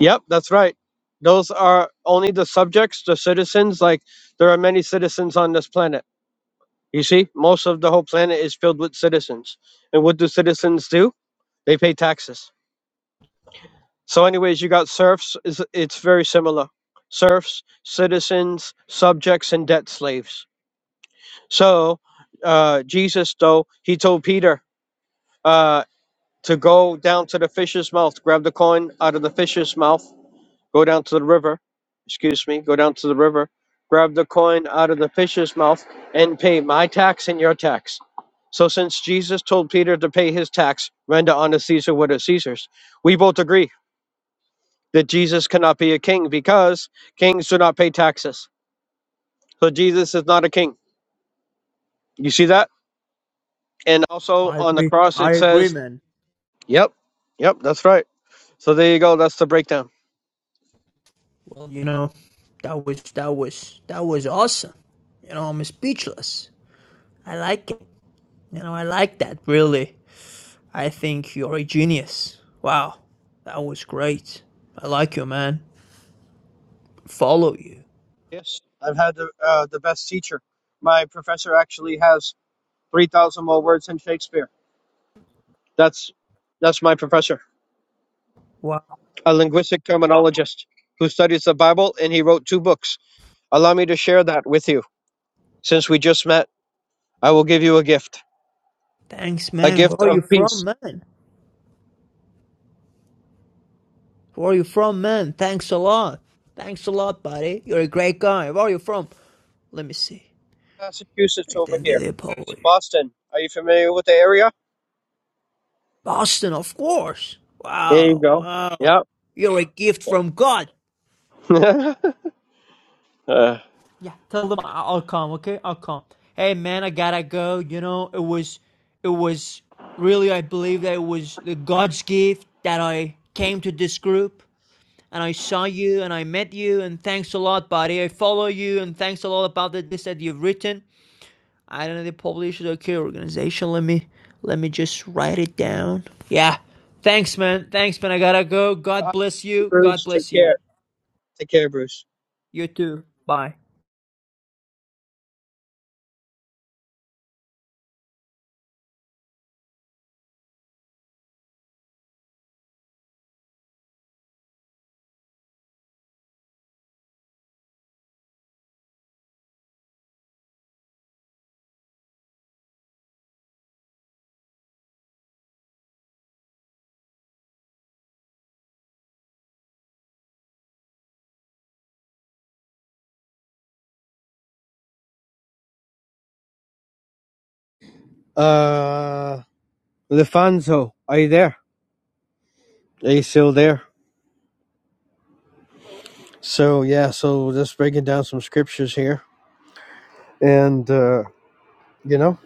S5: Yep, that's right. Those are only the subjects, the citizens. Like, there are many citizens on this planet. You see, most of the whole planet is filled with citizens. And what do citizens do? They pay taxes. So, anyways, you got serfs. is- It's very similar. Serfs, citizens, subjects, and debt slaves. So, uh, Jesus, though, he told Peter uh, to go down to the fish's mouth, grab the coin out of the fish's mouth, go down to the river. Excuse me, go down to the river, grab the coin out of the fish's mouth, and pay my tax and your tax. So, since Jesus told Peter to pay his tax, render unto Caesar what is Caesar's, we both agree that Jesus cannot be a king because kings do not pay taxes. So Jesus is not a king. You see that? And also
S6: I
S5: on the
S6: agree.
S5: cross
S6: I
S5: it
S6: agree,
S5: says,
S6: man.
S5: "Yep, yep, that's right." So there you go. That's the breakdown.
S6: Well, you know, that was, that was, that was awesome. You know, I'm speechless. I like it. You know, I like that, really. I think you're a genius. Wow. That was great. I like you, man. Follow you.
S5: Yes, I've had the uh, the best teacher. My professor actually has three thousand more words than Shakespeare. That's that's my professor,
S6: Wow.
S5: a linguistic terminologist who studies the Bible, and he wrote two books. Allow me to share that with you. Since we just met, I will give you a gift,
S6: Thanks,
S5: a
S6: man. Where
S5: gift
S6: are you
S5: of peace.
S6: from, man? Where are you from, man? Thanks a lot. Thanks a lot, buddy. You're a great guy. Where are you from? Let me see.
S5: Massachusetts over
S6: Then they
S5: here.
S6: did Polish.
S5: Boston. Are you familiar with the area?
S6: Boston, of course.
S5: There you
S6: Wow,
S5: go.
S6: wow.
S5: Yep.
S6: You're a gift from God.
S5: uh,
S6: Yeah, tell them I- will come, okay? I'll come. Hey man, I gotta go. You know, it was it was really I believe that it was the God's gift that I came to this group and I saw you and I met you and thanks a lot, buddy. I follow you and thanks a lot about the, this that you've written I don't know the published okay organization. Let me let me just write it down. Yeah. Thanks man. Thanks man. I gotta go. God
S5: Hi,
S6: bless you. God
S5: Bruce. Take
S6: bless you.
S5: care. Take care, Bruce.
S6: You too. Bye.
S5: Uh, Lefanzo, are you there? Are you still there? So yeah, so just breaking down some scriptures here, and uh, you know,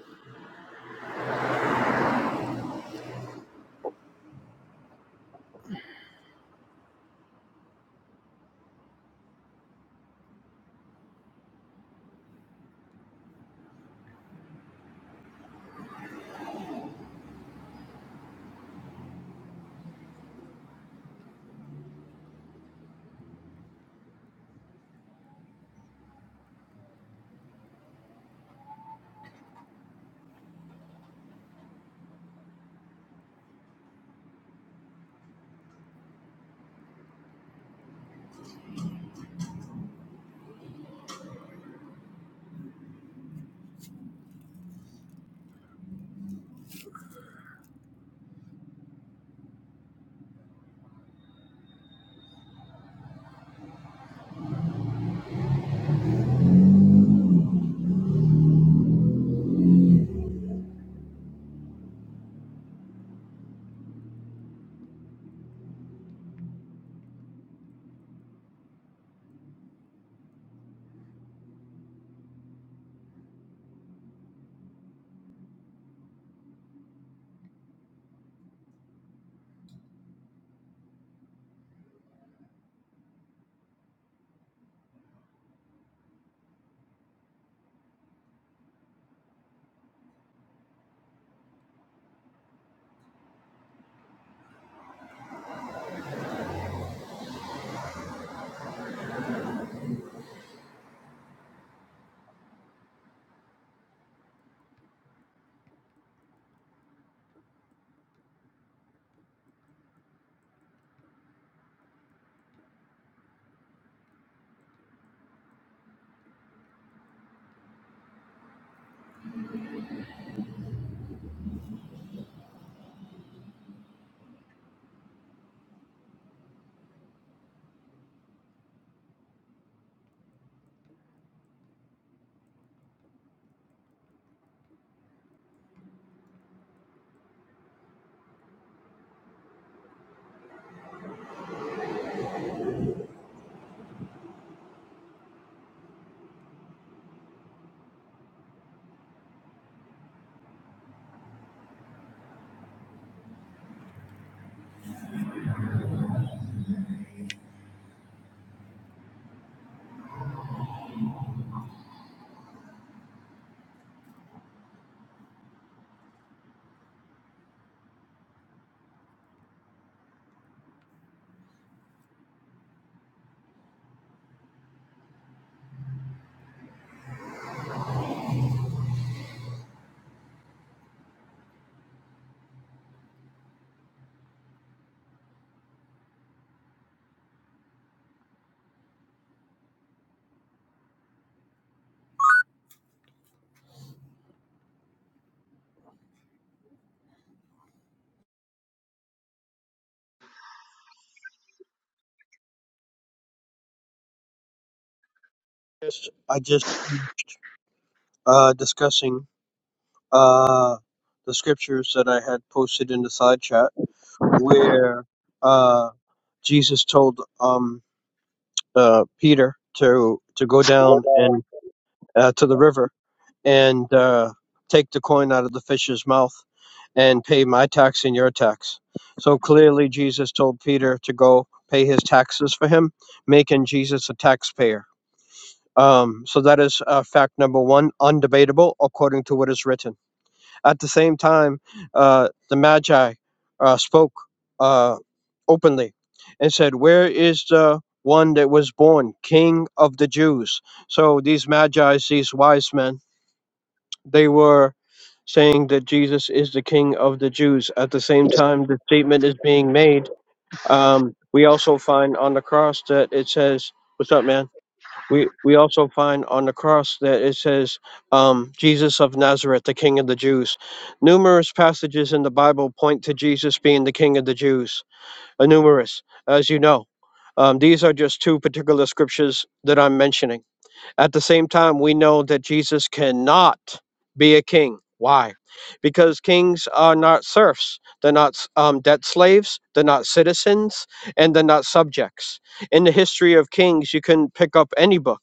S5: Just, I just uh, discussing uh, the scriptures that I had posted in the side chat where uh, Jesus told um, uh, Peter to to go
S7: We're,
S5: down
S7: um,
S5: and uh, to the river and uh, take the coin out of the fish's mouth and pay my tax and your tax. So clearly, Jesus told Peter to go pay his taxes for him, making Jesus a taxpayer. Um, so that is uh, fact number one, undebatable according to what is written. At the same time, uh, the Magi uh, spoke uh, openly and said, Where is the one that was born, King of the Jews? So these Magi, these wise men, they were saying that Jesus is the King of the Jews. At the same time, the statement is being made. Um, we also find on the cross that it says, What's up, man? we we also find on the cross that it says um, jesus of nazareth the king of the jews numerous passages in the bible point to jesus being the king of the jews uh, numerous as you know um, these are just two particular scriptures that i'm mentioning at the same time, we know that Jesus cannot be a king. Why? Because kings are not serfs. They're not um, debt slaves. They're not citizens, and they're not subjects. In the history of kings, you can pick up any book.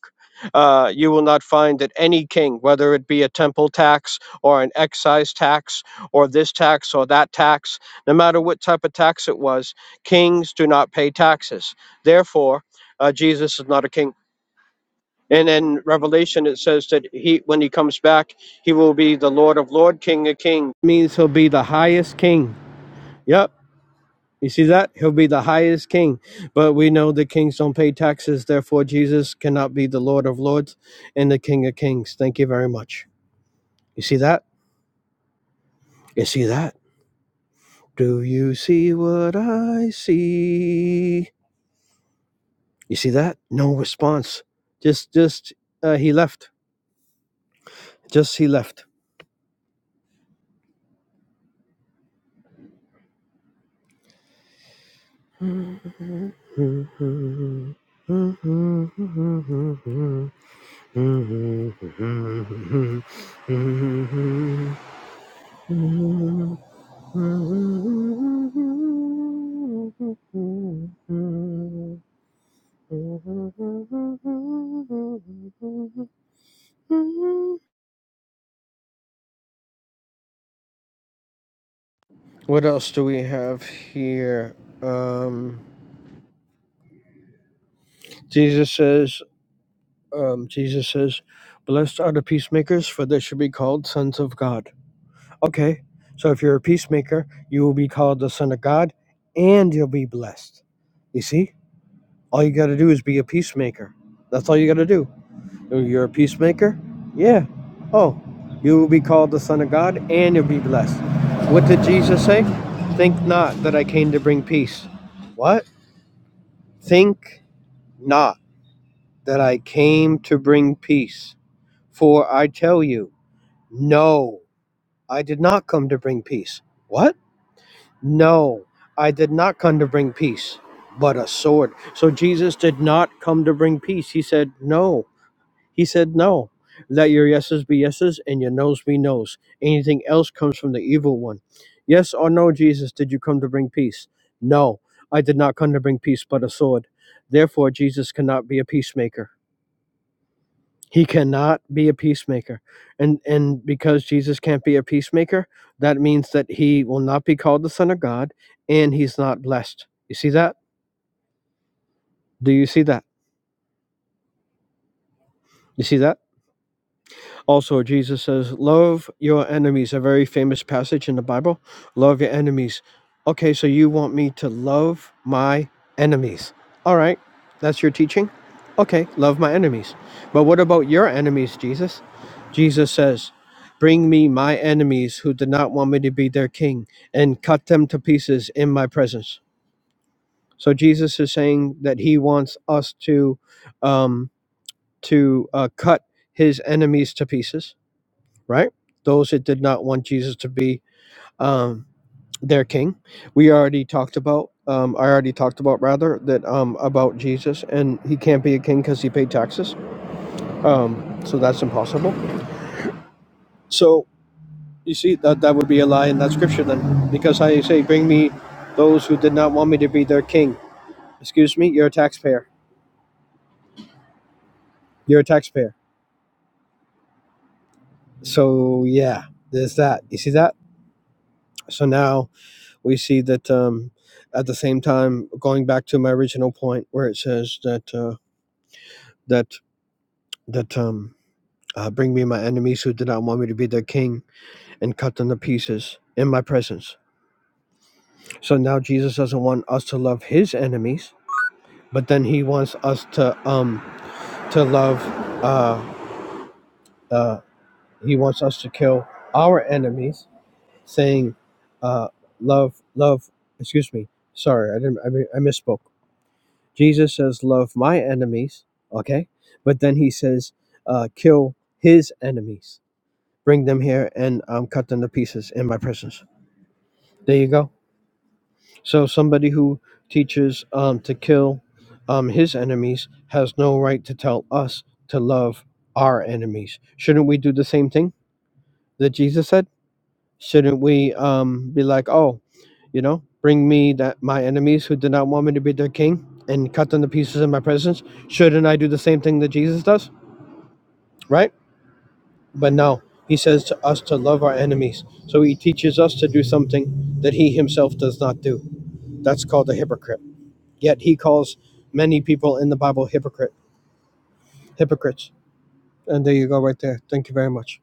S5: Uh, you will not find that any king, whether it be a temple tax or an excise tax or this tax or that tax, no matter what type of tax it was, kings do not pay taxes. Therefore, uh, Jesus is not a king. And in Revelation, it says that he, when he comes back, he will be the Lord of Lord, King of King. Means he'll be the highest king. Yep. You see that? He'll be the highest king. But we know the kings don't pay taxes. Therefore, Jesus cannot be the Lord of Lords and the King of Kings. Thank you very much. You see that? You see that? Do you see what I see? You see that? No response. Just, just, uh, he left. Just, he left. What else do we have here? Um, Jesus says, um, Jesus says, Blessed are the peacemakers, for they shall be called sons of God. Okay, so if you're a peacemaker, you will be called the Son of God and you'll be blessed. You see? All you got to do is be a peacemaker. That's all you got to do. Oh, You're a peacemaker? Yeah. Oh, you will be called the Son of God and you'll be blessed. What did Jesus say? Think not that I came to bring peace. What? Think not that I came to bring peace. For I tell you, no, I did not come to bring peace. What? No, I did not come to bring peace, but a sword. So Jesus did not come to bring peace. He said, No. He said, No. Let your yeses be yeses and your noes be noes. Anything else comes from the evil one. Yes or no, Jesus, did you come to bring peace? No, I did not come to bring peace, but a sword. Therefore, Jesus cannot be a peacemaker. He cannot be a peacemaker. And and because Jesus can't be a peacemaker, that means that he will not be called the son of God and he's not blessed. You see that? Do you see that? You see that? Also, Jesus says, Love your enemies, a very famous passage in the Bible. Love your enemies. Okay, so you want me to love my enemies. All right, that's your teaching? Okay, love my enemies. But what about your enemies, Jesus? Jesus says, Bring me my enemies who did not want me to be their king and cut them to pieces in my presence. So Jesus is saying that he wants us to um, to uh, cut his enemies to pieces right? Those that did not want Jesus to be um, their king. We already talked about. Um, I already talked about rather that um, about Jesus, and he can't be a king because he paid taxes. Um, so that's impossible. So you see that that would be a lie in that scripture then, because I say, bring me those who did not want me to be their king. Excuse me, you're a taxpayer. You're a taxpayer. So yeah, there's that. You see that? So now we see that um, at the same time, going back to my original point where it says that uh, that that um, uh, bring me my enemies who did not want me to be their king and cut them to pieces in my presence. So now Jesus doesn't want us to love his enemies, but then he wants us to um, to love. Uh, uh, he wants us to kill our enemies, saying, uh, "Love, love." Excuse me. Sorry, I didn't. I, mi- I misspoke. Jesus says, Love my enemies, okay? But then he says, uh, Kill his enemies, bring them here, and um, cut them to pieces in my presence. There you go. So somebody who teaches um, to kill um, his enemies has no right to tell us to love our enemies. Shouldn't we do the same thing that Jesus said? Shouldn't we um, be like, oh, you know, bring me that my enemies who did not want me to be their king and cut them to pieces in my presence? Shouldn't I do the same thing that Jesus does? Right? But no, he says to us to love our enemies. So he teaches us to do something that he himself does not do. That's called a hypocrite. Yet he calls many people in the Bible hypocrite hypocrites. And there you go right there. Thank you very much.